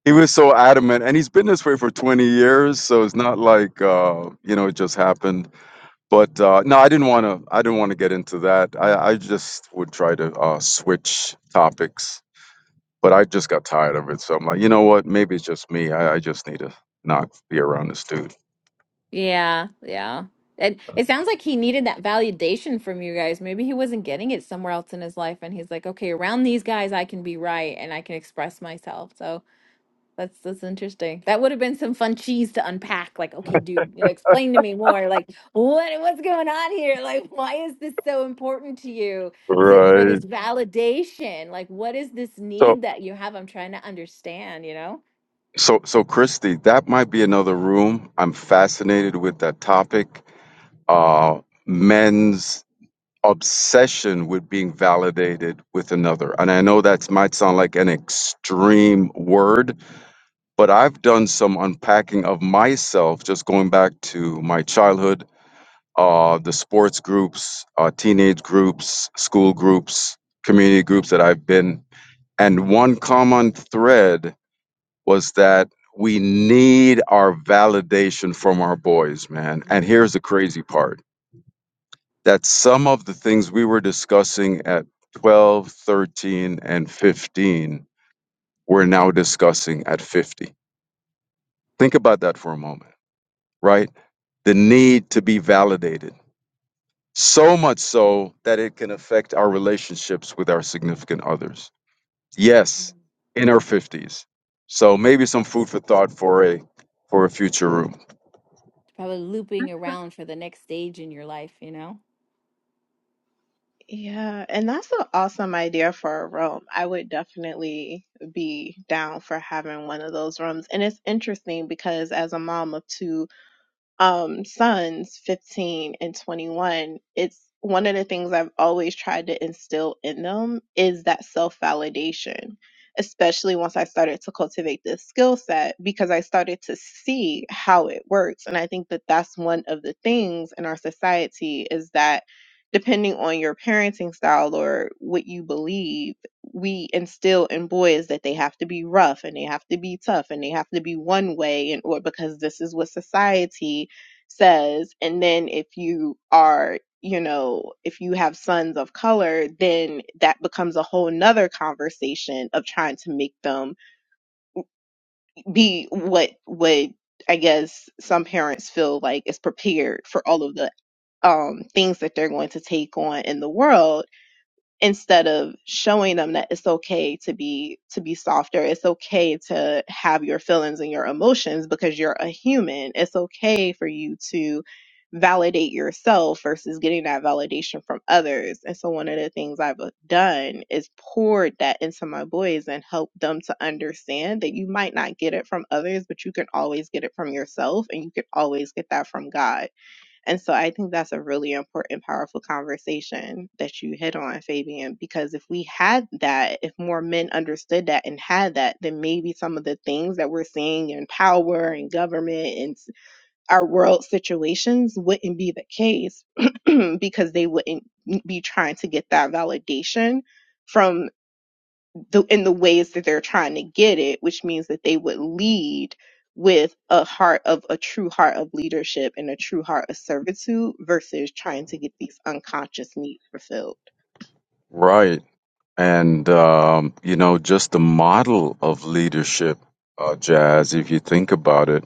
Speaker 3: he was so adamant, and he's been this way for 20 years, so it's not like uh, you know it just happened. But uh, no, I didn't want to. I didn't want to get into that. I, I just would try to uh, switch topics, but I just got tired of it. So I'm like, you know what? Maybe it's just me. I, I just need to not be around this dude.
Speaker 2: Yeah, yeah. It it sounds like he needed that validation from you guys. Maybe he wasn't getting it somewhere else in his life, and he's like, okay, around these guys, I can be right and I can express myself. So. That's that's interesting. That would have been some fun cheese to unpack. Like, okay, dude, you know, explain to me more. Like, what what's going on here? Like, why is this so important to you to for this
Speaker 3: Right.
Speaker 2: Yeah. validation? Like, what is this
Speaker 3: So,
Speaker 2: need that you have? I'm trying to understand, you know?
Speaker 3: so, so, Christy, that might be another room. I'm fascinated with that topic. Uh, men's obsession with being validated with another. And I know that might sound like an extreme word, but I've done some unpacking of myself just going back to my childhood, uh, the sports groups, uh, teenage groups, school groups, community groups that I've been And one common thread was that we need our validation from our boys, man. And here's the crazy part that some of the things we were discussing at 12, 13, and 15, we're now discussing at 50. Think about that for a moment, right? The need to be validated. So much so that it can affect our relationships with our significant others. Yes, in her 50s. So maybe some food for thought for a for a future room.
Speaker 2: Probably looping around for the next stage in your life, you know?
Speaker 1: Yeah, and that's an awesome idea for a room. I would definitely be down for having one of those rooms. And it's interesting because as a mom of two, um, sons, 15 and 21, it's one of the things I've always tried to instill in them is that self validation, especially once I started to cultivate this skill set because I started to see how it works. And I think that that's one of the things in our society is that depending on your parenting style or what you believe, we instill in boys that they have to be rough and they have to be tough and they have to be one way and or because this is what society says and then if you are you know if you have sons of color then that becomes a whole nother conversation of trying to make them be what what i guess some parents feel like is prepared for all of the um things that they're going to take on in the world instead of showing them that it's okay to be to be softer it's okay to have your feelings and your emotions because you're a human it's okay for you to validate yourself versus getting that validation from others and so one of the things i've uh, done is poured that into my boys and helped them to understand that you might not get it from others but you can always get it from yourself and you can always get that from god and so I think that's a really important, powerful conversation that you hit on, Fabian, because if we had that, if more men understood that and had that, then maybe some of the things that we're seeing in power and government and our world situations wouldn't be the case because they wouldn't be trying to get that validation from the in the ways that they're trying to get it, which means that they would lead with a heart of a true heart of leadership and a true heart of servitude versus trying to get these unconscious needs fulfilled.
Speaker 3: Right. And um, you know, just the model of leadership, uh, Jazz, if you think about it,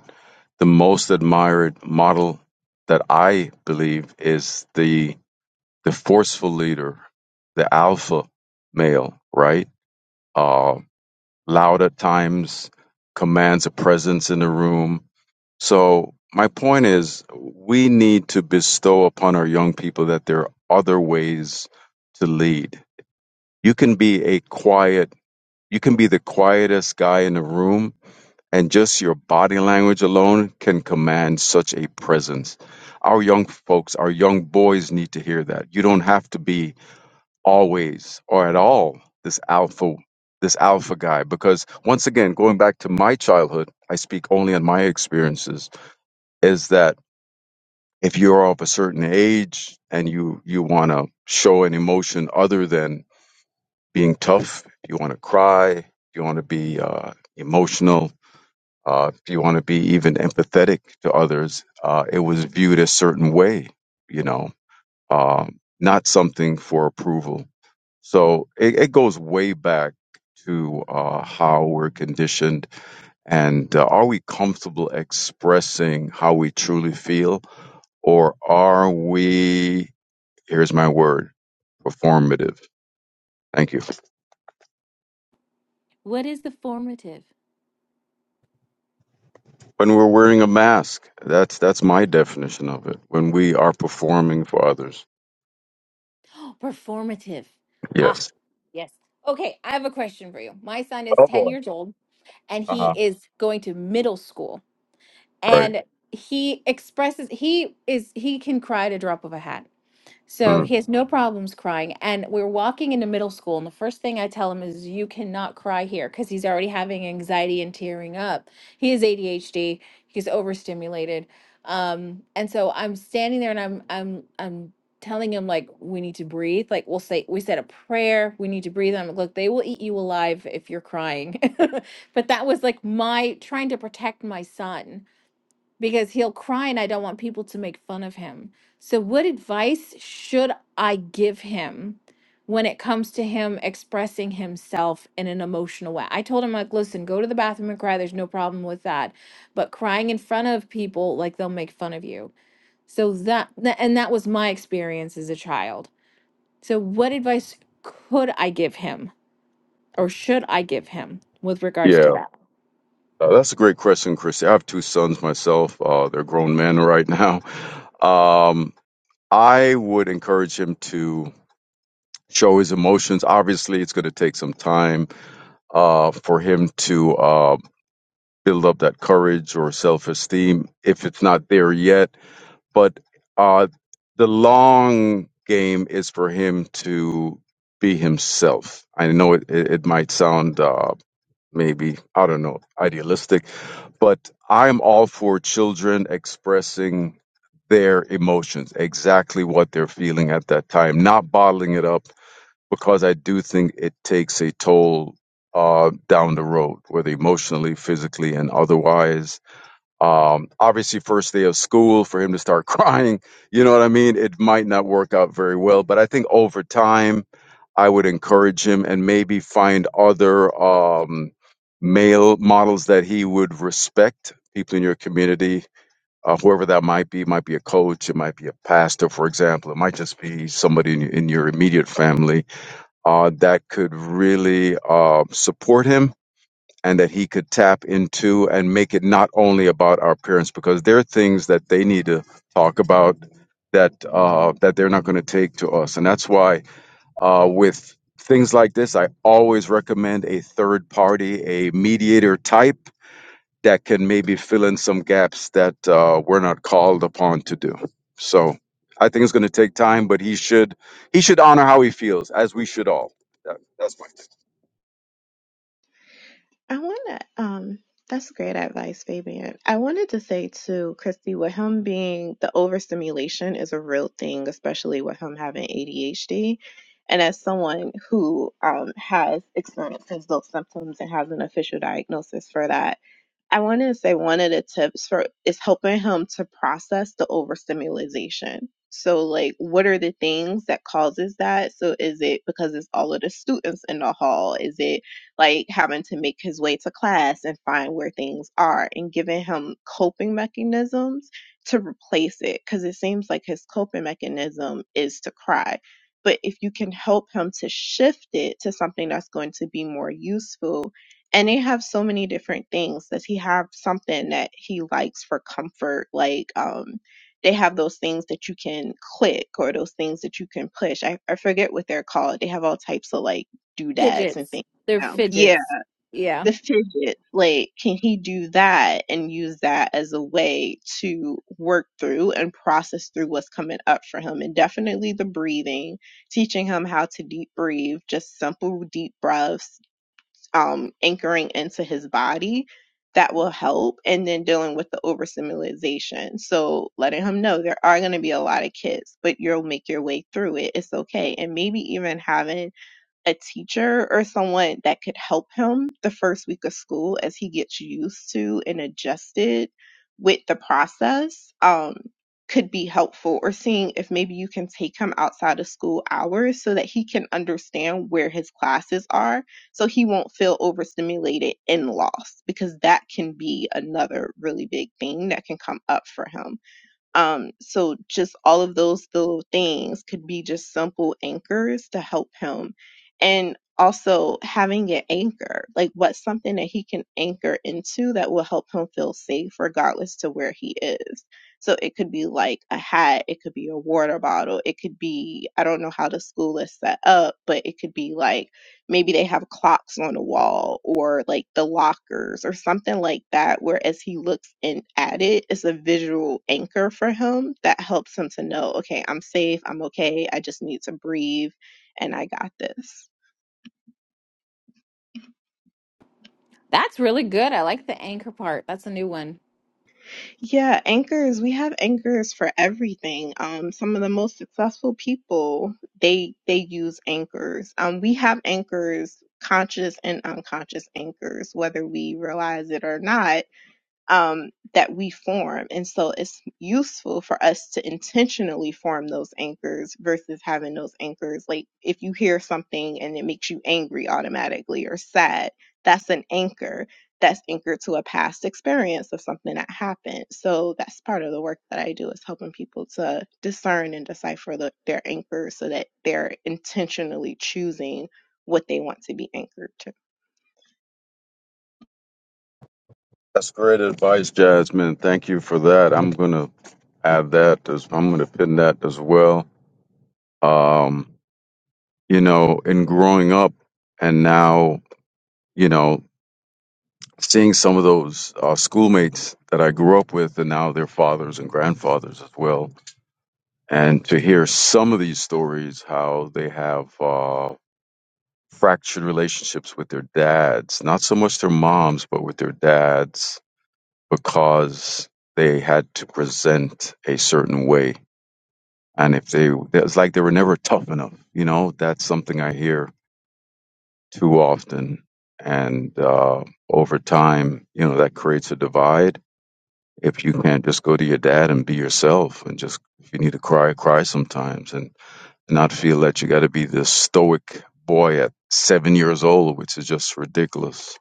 Speaker 3: the most admired model that I believe is the the forceful leader, the alpha male, right? Uh, loud at times, commands a presence in the room, So my point is, we need to bestow upon our young people that there are other ways to lead. You can be a quiet, you can be the quietest guy in the room, and just your body language alone can command such a presence. Our young folks, our young boys need to hear that. You don't have to be always or at all this alpha this alpha guy because once again going back to my childhood i speak only on my experiences is that if you're of a certain age and you you want to show an emotion other than being tough if you want to cry if you want to be uh, emotional uh, if you want to be even empathetic to others uh, it was viewed a certain way you know um, not something for approval so it, it goes way back to uh, how we're conditioned and uh, are we comfortable expressing how we truly feel or are we Here's my word, performative. Thank you.
Speaker 2: What is the formative?
Speaker 3: When we're wearing a mask, that's that's my definition of it. When we are performing for others.
Speaker 2: Oh, performative. Ah,
Speaker 3: Yes.
Speaker 2: yes. Okay, I have a question for you. My son is
Speaker 3: Oh
Speaker 2: 10
Speaker 3: boy.
Speaker 2: years old and
Speaker 3: Uh
Speaker 2: he
Speaker 3: huh.
Speaker 2: is going to middle school
Speaker 3: Right.
Speaker 2: and he expresses he is he can cry at a drop of a hat. So
Speaker 3: Mm.
Speaker 2: he has no problems crying. And we're walking into middle school, and the first thing I tell him is, You cannot cry here because he's already having anxiety and tearing up. He has ADHD, he's overstimulated. Um, and so I'm standing there and I'm I'm I'm telling him like we need to breathe. Like we'll say we said a prayer, we need to breathe. And I'm like, look, they will eat you alive if you're crying. but that was like my trying to protect my son because he'll cry and I don't want people to make fun of him. So, what advice should I give him when it comes to him expressing himself in an emotional way? I told him, like, listen, go to the bathroom and cry. There's no problem with that. But crying in front of people, like, they'll make fun of you. So, that, tha- and that was my experience as a child. So, what advice could I give him or should I give him with regards to
Speaker 3: Yeah.
Speaker 2: that?
Speaker 3: Uh, that's a great question, Christy. I have two sons myself. Uh, they're grown men right now. Um, I would encourage him to show his emotions. Obviously, it's going to take some time uh, for him to uh, build up that courage or self esteem. If it's not there yet, but uh, the long game is for him to be himself. I know it, it, it might sound uh, maybe, I don't know, idealistic, but I'm all for children expressing their emotions, exactly what they're feeling at that time, not bottling it up, because I do think it takes a toll uh, down the road, whether emotionally, physically, and otherwise um, obviously, first day of school for him to start crying, you know what I mean? It might not work out very well, but I think over time, I would encourage him and maybe find other um, male models that he would respect, people in your community, uh, whoever that might be. might be a coach, it might be a pastor, for example, it might just be somebody in, in your immediate family uh, that could really uh, support him and that he could tap into and make it not only about our parents because there are things that they need to talk about that uh, that they're not going to take to us and that's why uh, with things like this i always recommend a third party a mediator type that can maybe fill in some gaps that uh, we're not called upon to do so i think it's going to take time but he should he should honor how he feels as we should all That- that's my take.
Speaker 1: I want to, um, that's great advice, Fabian. I wanted to say too, Christy, with him being the overstimulation is a real thing, especially with him having ADHD. And as someone who um, has experiences those symptoms and has an official diagnosis for that, I want to say one of the tips for is helping him to process the overstimulation. So like what are the things that causes that? So is it because it's all of the students in the hall? Is it like having to make his way to class and find where things are and giving him coping mechanisms to replace it cuz it seems like his coping mechanism is to cry. But if you can help him to shift it to something that's going to be more useful and they have so many different things does he have something that he likes for comfort like um they have those things that you can click or those things that you can push i, I forget what they're called they have all types of like doodads and
Speaker 2: Fidgets.
Speaker 1: things
Speaker 2: They're
Speaker 1: now yeah
Speaker 2: fidgets. Yeah.
Speaker 1: the fidget like can he do that and use that as a way to work through and process through what's coming up for him and definitely the breathing teaching him how to deep breathe just simple deep breaths um, anchoring into his body that will help and then dealing with the overstimulation so letting him know there are going to be a lot of kids but you'll make your way through it it's okay and maybe even having a teacher or someone that could help him the first week of school as he gets used to and adjusted with the process um, could be helpful or seeing if maybe you can take him outside of school hours so that he can understand where his classes are so he won't feel overstimulated and lost because that can be another really big thing that can come up for him um, so just all of those little things could be just simple anchors to help him. And also having an anchor, like what's something that he can anchor into that will help him feel safe regardless to where he is. So it could be like a hat, it could be a water bottle, it could be, I don't know how the school is set up, but it could be like maybe they have clocks on the wall or like the lockers or something like that where as he looks in at it it's a visual anchor for him that helps him to know okay i'm safe i'm okay i just need to breathe and i got this
Speaker 2: That's really good. I like the anchor part. That's a new one.
Speaker 1: yeah anchors we have anchors for everything um some of the most successful people they they use anchors um we have anchors conscious and unconscious anchors whether we realize it or not um, that we form. And so it's useful for us to intentionally form those anchors versus having those anchors. Like if you hear something and it makes you angry automatically or sad, that's an anchor that's anchored to a past experience of something that happened. So that's part of the work that I do is helping people to discern and decipher the, their anchors so that they're intentionally choosing what they want to be anchored to.
Speaker 3: That's great advice, Jasmine. Thank you for that. I'm going to add that. As, I'm going to pin that as well. Um, you know, in growing up and now, you know, seeing some of those uh, schoolmates that I grew up with and now their fathers and grandfathers as well. And to hear some of these stories, how they have uh, fractured relationships with their dads, not so much their moms, but with their dads because they had to present a certain way. And if they, it's like they were never tough enough. You know, that's something I hear too often. And uh, over time, you know, that creates a divide. If you can't just go to your dad and be yourself and just, if you need to cry, cry sometimes and not feel that you got to be this stoic boy at seven years old, which is just ridiculous.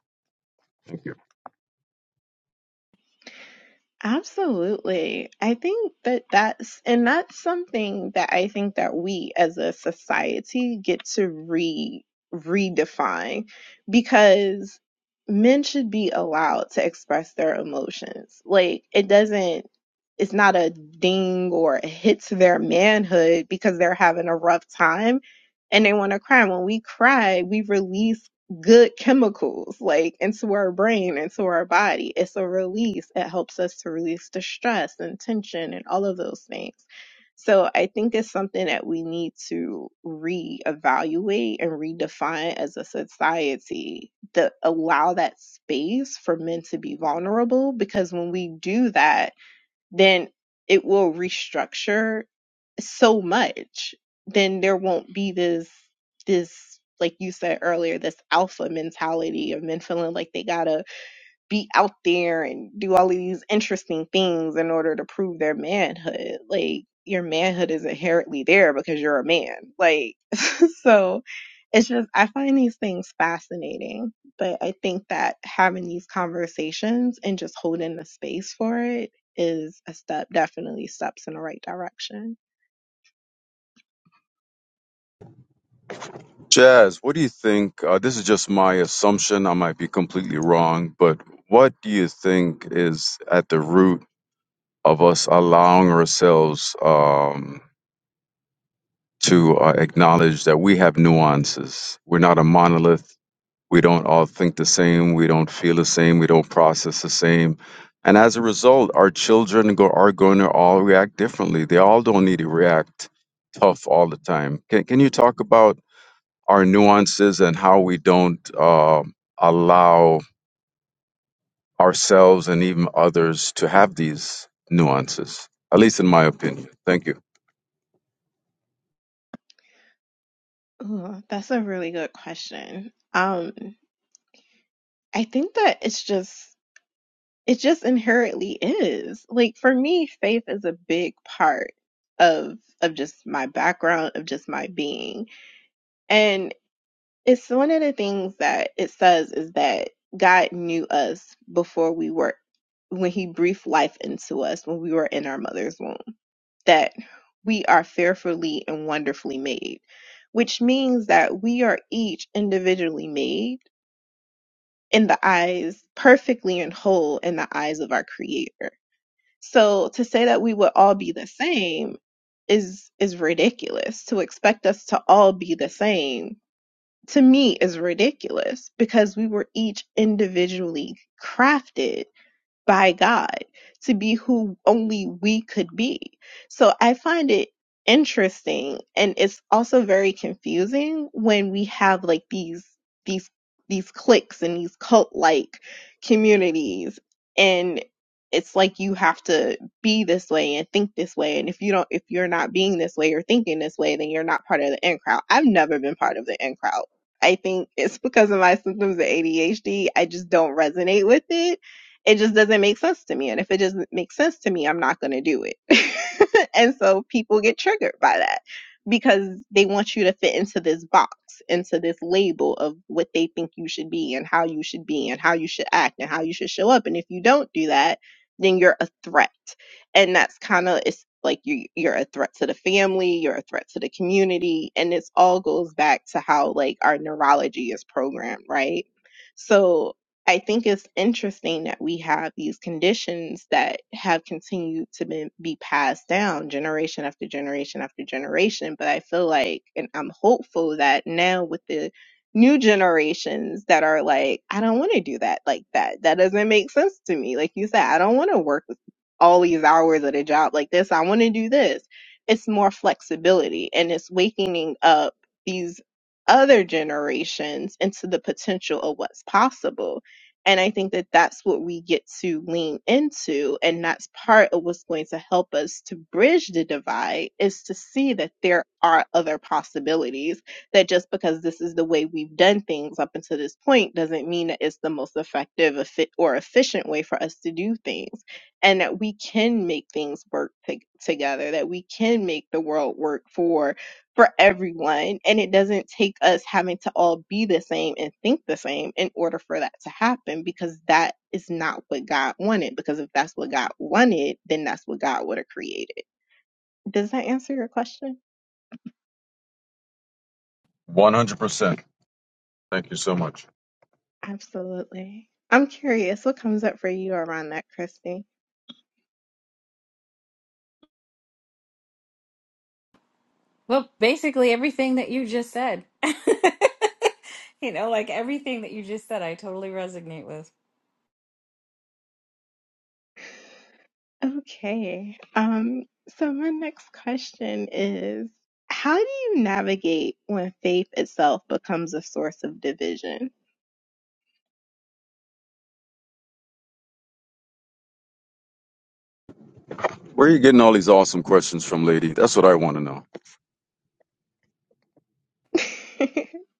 Speaker 1: Absolutely. I think that that's, and that's something that I think that we as a society get to re redefine because men should be allowed to express their emotions. Like it doesn't, it's not a ding or a hit to their manhood because they're having a rough time and they want to cry. When we cry, we release good chemicals like into our brain into our body it's a release it helps us to release the stress and tension and all of those things so i think it's something that we need to reevaluate and redefine as a society to allow that space for men to be vulnerable because when we do that then it will restructure so much, then there won't be this this like you said earlier, this alpha mentality of men feeling like they gotta be out there and do all of these interesting things in order to prove their manhood. Like your manhood is inherently there because you're a man. Like so it's just I find these things fascinating. But I think that having these conversations and just holding the space for it is a step, definitely steps in the right direction.
Speaker 3: Jazz, what do you think? Uh, this is just my assumption. I might be completely wrong, but what do you think is at the root of us allowing ourselves um, to uh, acknowledge that we have nuances? We're not a monolith. We don't all think the same. We don't feel the same. We don't process the same. And as a result, our children go, are going to all react differently. They all don't need to react tough all the time. Can, can you talk about? our nuances and how we don't um allow ourselves and even others to have these nuances, at least in my opinion. Thank you.
Speaker 1: Ooh, that's a really good question. Um, I think that it's just it just inherently is. Like for me, faith is a big part of of just my background, of just my being. It's one of the things that it says is that God knew us before we were, when He breathed life into us when we were in our mother's womb, that we are fearfully and wonderfully made, which means that we are each individually made in the eyes, perfectly and whole in the eyes of our Creator. So to say that we would all be the same is is ridiculous to expect us to all be the same to me is ridiculous because we were each individually crafted by God to be who only we could be. So I find it interesting and it's also very confusing when we have like these these these cliques and these cult like communities and it's like you have to be this way and think this way and if you don't if you're not being this way or thinking this way then you're not part of the in crowd. I've never been part of the in crowd. I think it's because of my symptoms of ADHD. I just don't resonate with it it just doesn't make sense to me. And if it doesn't make sense to me, I'm not going to do it. and so people get triggered by that because they want you to fit into this box, into this label of what they think you should be and how you should be and how you should act and how you should show up. And if you don't do that, then you're a threat. And that's kind of, it's like you, you're a threat to the family, you're a threat to the community. And this all goes back to how like our neurology is programmed, right? So I think it's interesting that we have these conditions that have continued to be, be passed down generation after generation after generation. But I feel like, and I'm hopeful that now with the new generations that are like, I don't want to do that like that. That doesn't make sense to me. Like you said, I don't want to work all these hours at a job like this. I want to do this. It's more flexibility and it's waking up these other generations into the potential of what's possible and I think that that's what we get to lean into. And that's part of what's going to help us to bridge the divide is to see that there are other possibilities. That just because this is the way we've done things up until this point doesn't mean that it's the most effective effi- or efficient way for us to do things. And that we can make things work to- together, that we can make the world work for for everyone and it doesn't take us having to all be the same and think the same in order for that to happen because that is not what God wanted because if that's what God wanted then that's what God would have created. Does that answer your question?
Speaker 3: 100%. Thank you so much.
Speaker 1: Absolutely. I'm curious what comes up for you around that, Christy.
Speaker 2: Well, basically everything that you just said. You know, like everything that you just said, I totally resonate with.
Speaker 1: Okay. Um so my next question is how do you navigate when faith itself becomes a source of division?
Speaker 3: Where are you getting all these awesome questions from, lady? That's what I want to know.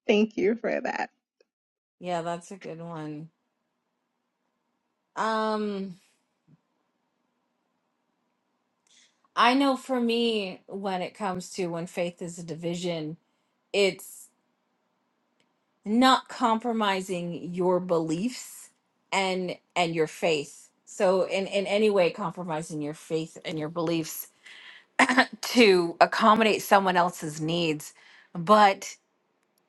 Speaker 1: Thank you for that.
Speaker 2: Yeah, that's a good one. Um, I know for me, when it comes to when faith is a division, it's not compromising your beliefs and and your faith. So in in any way compromising your faith and your beliefs to accommodate someone else's needs but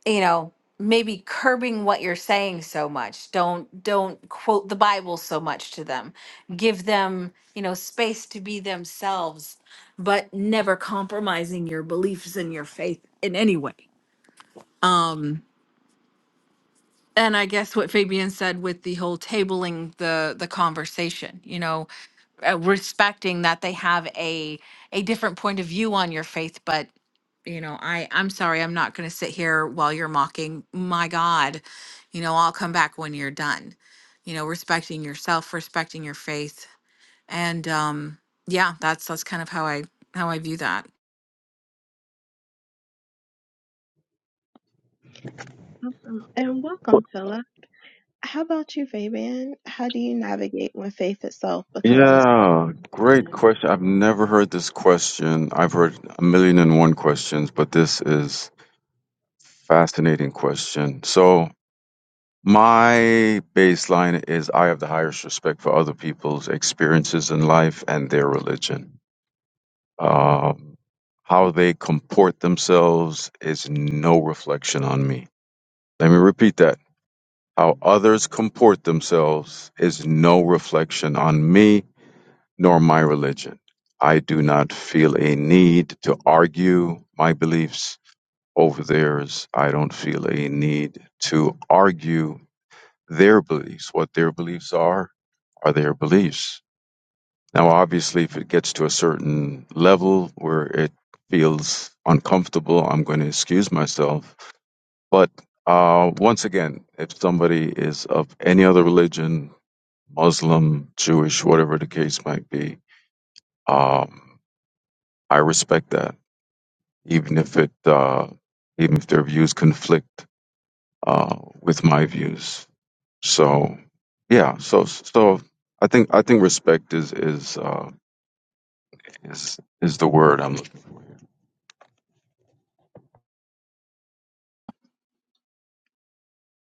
Speaker 2: you know maybe curbing what you're saying so much don't don't quote the bible so much to them give them you know space to be themselves but never compromising your beliefs and your faith in any way um and i guess what fabian said with the whole tabling the the conversation you know uh, respecting that they have a a different point of view on your faith but you know i i'm sorry i'm not going to sit here while you're mocking my god you know i'll come back when you're done you know respecting yourself respecting your faith and um yeah that's that's kind of how i how i view that
Speaker 1: Awesome. And welcome, Philip. How about you, Fabian? How do you navigate when faith itself becomes a source
Speaker 3: Yeah,
Speaker 1: of
Speaker 3: great
Speaker 1: division?
Speaker 3: question. I've never heard this question. I've heard a million and one questions, but this is fascinating question. So My baseline is I have the highest respect for other people's experiences in life and their religion. Um, how they comport themselves is no reflection on me. Let me repeat that. How others comport themselves is no reflection on me nor my religion. I do not feel a need to argue my beliefs over theirs. I don't feel a need to argue their beliefs, what their beliefs are are their beliefs. Now, obviously, if it gets to a certain level where it feels uncomfortable, I'm going to excuse myself. But uh, once again, if somebody is of any other religion, Muslim, Jewish, whatever the case might be, um, I respect that, even if it, uh, even if their views conflict uh, with my views. So, yeah. So, so I think I think respect is is. Uh, is is the word I'm looking.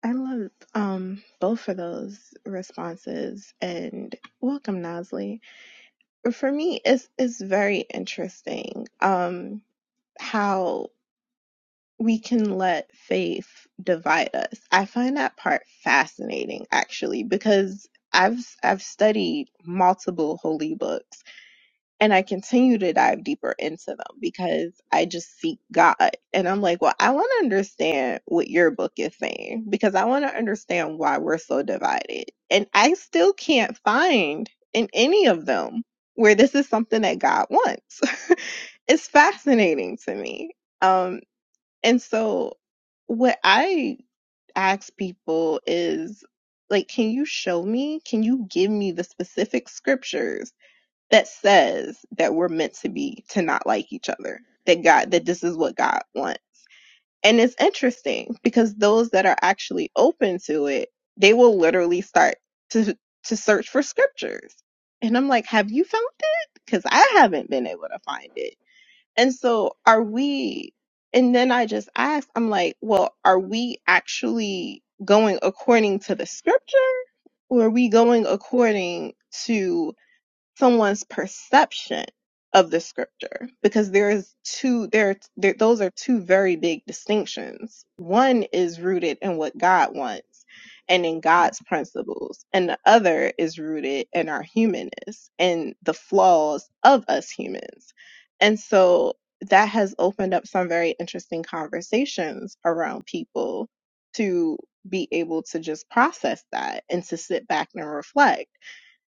Speaker 1: I love um, both of those responses and welcome, Nosley. For me, it's, it's very interesting um, how we can let faith divide us. I find that part fascinating, actually, because I've I've studied multiple holy books and I continue to dive deeper into them because I just seek God. And I'm like, well, I want to understand what your book is saying because I want to understand why we're so divided. And I still can't find in any of them where this is something that God wants. it's fascinating to me. Um, and so what I ask people is like, can you show me? Can you give me the specific scriptures? that says that we're meant to be to not like each other that god that this is what god wants and it's interesting because those that are actually open to it they will literally start to to search for scriptures and i'm like have you found it because i haven't been able to find it and so are we and then i just asked i'm like well are we actually going according to the scripture or are we going according to? someone's perception of the scripture because there is two there, there those are two very big distinctions one is rooted in what god wants and in god's principles and the other is rooted in our humanness and the flaws of us humans and so that has opened up some very interesting conversations around people to be able to just process that and to sit back and reflect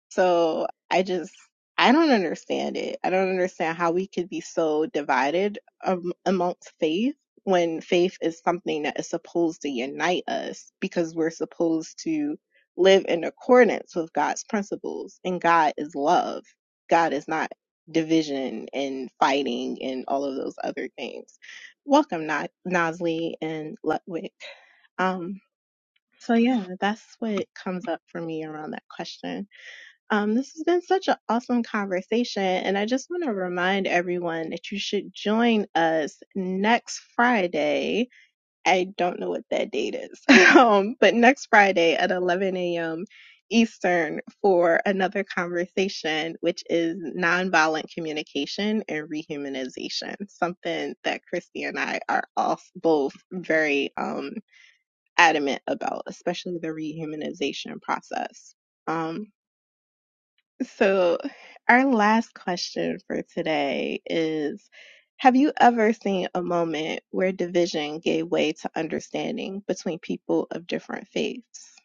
Speaker 1: so I just, I don't understand it. I don't understand how we could be so divided um, amongst faith when faith is something that is supposed to unite us because we're supposed to live in accordance with God's principles. And God is love. God is not division and fighting and all of those other things. Welcome, Na- Nosley and Lutwick. Um, so yeah, that's what comes up for me around that question. Um, this has been such an awesome conversation, and I just want to remind everyone that you should join us next Friday. I don't know what that date is, um, but next Friday at 11 a.m. Eastern for another conversation, which is nonviolent communication and rehumanization, something that Christy and I are all both very um, adamant about, especially the rehumanization process. Um, so, our last question for today is Have you ever seen a moment where division gave way to understanding between people of different faiths?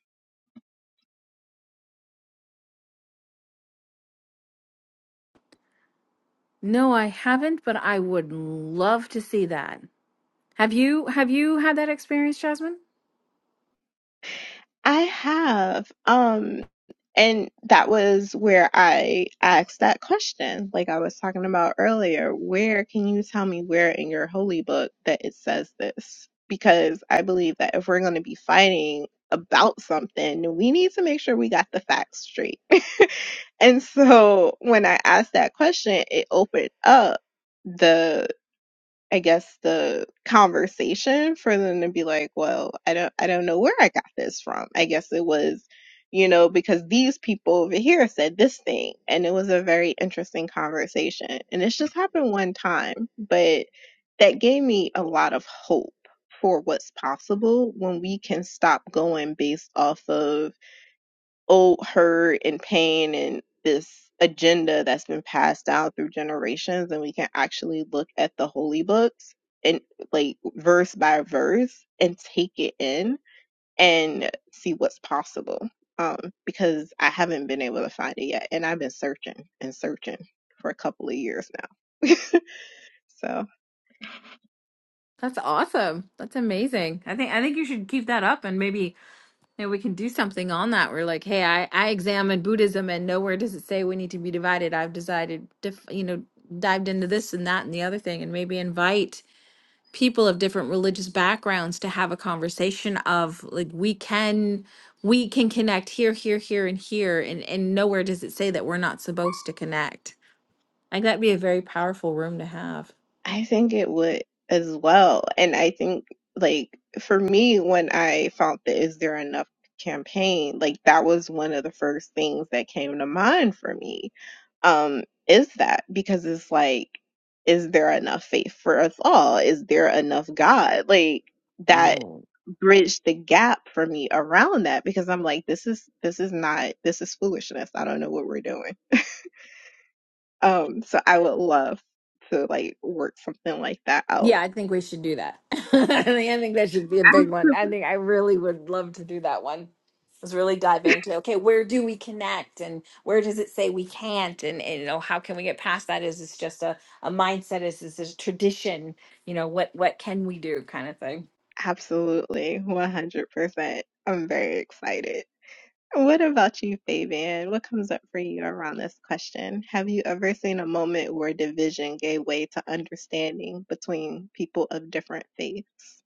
Speaker 2: No, I haven't, but I would love to see that. Have you have you had that experience, Jasmine?
Speaker 1: I have. Um, And that was where I asked that question, like I was talking about earlier. Where can you tell me where in your holy book that it says this? Because I believe that if we're going to be fighting about something, then we need to make sure we got the facts straight. And so when I asked that question, it opened up the. I guess the conversation for them to be like, well, I don't I don't know where I got this from. I guess it was, you know, because these people over here said this thing and it was a very interesting conversation. And it's just happened one time, but that gave me a lot of hope for what's possible when we can stop going based off of oh her and pain and this agenda that's been passed down through generations and we can actually look at the holy books and like verse by verse and take it in and see what's possible um because i haven't been able to find it yet and i've been searching and searching for a couple of years now so
Speaker 2: That's awesome. That's amazing. I think I think you should keep that up and maybe And we can do something on that. We're like, hey, I, I examined Buddhism and nowhere does it say we need to be divided. I've decided, dif- you know, dived into this and that and the other thing, and maybe invite people of different religious backgrounds to have a conversation of like we can we can connect here here here and here and and nowhere does it say that we're not supposed to connect i think that'd be a very powerful room to have
Speaker 1: I think it would as well. And I think, like, for me, when I found the Is There Enough campaign, like, that was one of the first things that came to mind for me. Um, is that because it's like, is there enough faith for us all? Is there enough God? Like, that bridged the gap for me around that because I'm like, this is, this is not, this is foolishness. I don't know what we're doing. Um, so I would love to like work something like that
Speaker 2: Yeah,
Speaker 1: out
Speaker 2: I think we should do that. I think I think that should be a big one. I think I really would love to do that one. Let's really dive into okay, where do we connect and where does it say we can't and, and you know how can we get past that? Is this just a, a mindset? Is this a tradition? You know, what what can we do kind of thing?
Speaker 1: Absolutely, 100%. I'm very excited. What about you, Fabian? What comes up for you around this question? Have you ever seen a moment where division gave way to understanding between people of different faiths?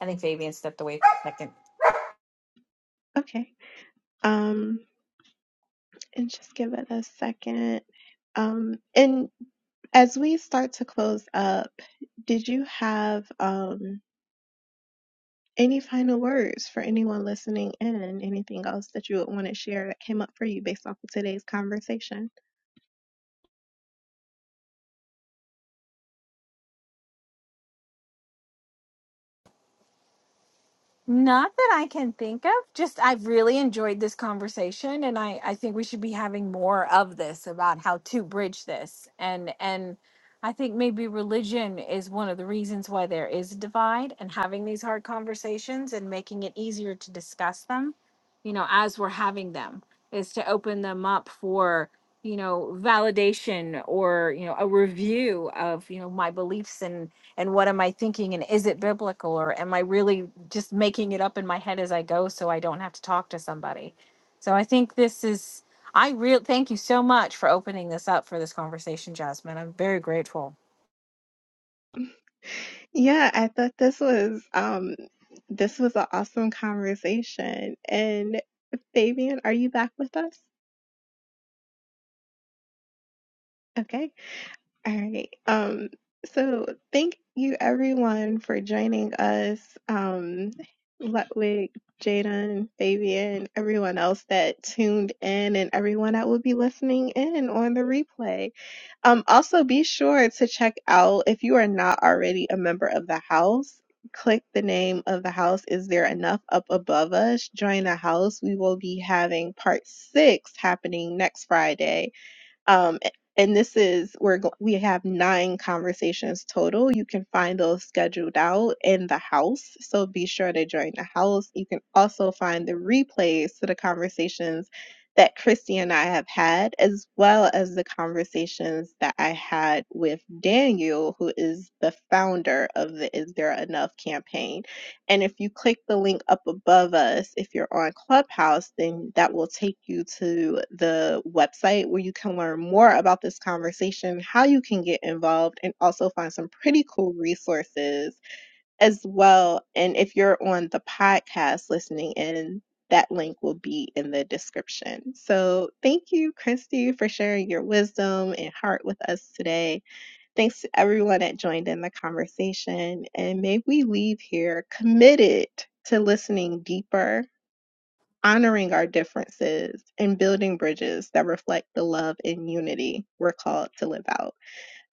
Speaker 2: I think Fabian stepped away for a second.
Speaker 1: Okay. Um, and just give it a second. Um, and as we start to close up, did you have um Any final words for anyone listening in? Anything else that you would want to share that came up for you based off of today's conversation?
Speaker 2: Not that I can think of. Just I've really enjoyed this conversation and I I think we should be having more of this about how to bridge this. And and I think maybe religion is one of the reasons why there is a divide and having these hard conversations and making it easier to discuss them, you know, as we're having them is to open them up for, you know, validation or, you know, a review of, you know, my beliefs and what am I thinking and is it biblical or am I really just making it up in my head as I go so I don't have to talk to somebody. So I think this is I real thank you so much for opening this up for this conversation, Jasmine. I'm very grateful.
Speaker 1: Yeah, I thought this was um this was an awesome conversation. And Fabian, are you back with us? Okay, All right. Um, so thank you everyone for joining us. Um, Ludwig, Jaden, Fabian, everyone else that tuned in and everyone that will be listening in on the replay. Um, also be sure to check out if you are not already a member of the house. Click the name of the house. Is there enough up above us? Join the house. We will be having part six happening next Friday um, and this is we where we have nine conversations total. You can find those scheduled out in the house. So be sure to join the house. You can also find the replays to the conversations that Christy and I have had, as well as the conversations that I had with Daniel, who is the founder of the Is There Enough campaign. And if you click the link up above us, if you're on Clubhouse, then that will take you to the website where you can learn more about this conversation, how you can get involved, and also find some pretty cool resources as well. And if you're on the podcast listening in, that link will be in the description. So, thank you, Christy, for sharing your wisdom and heart with us today. Thanks to everyone that joined in the conversation. And may we leave here committed to listening deeper, honoring our differences, and building bridges that reflect the love and unity we're called to live out.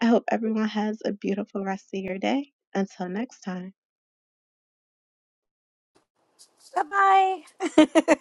Speaker 1: I hope everyone has a beautiful rest of your day. Until next time.
Speaker 2: Bye bye.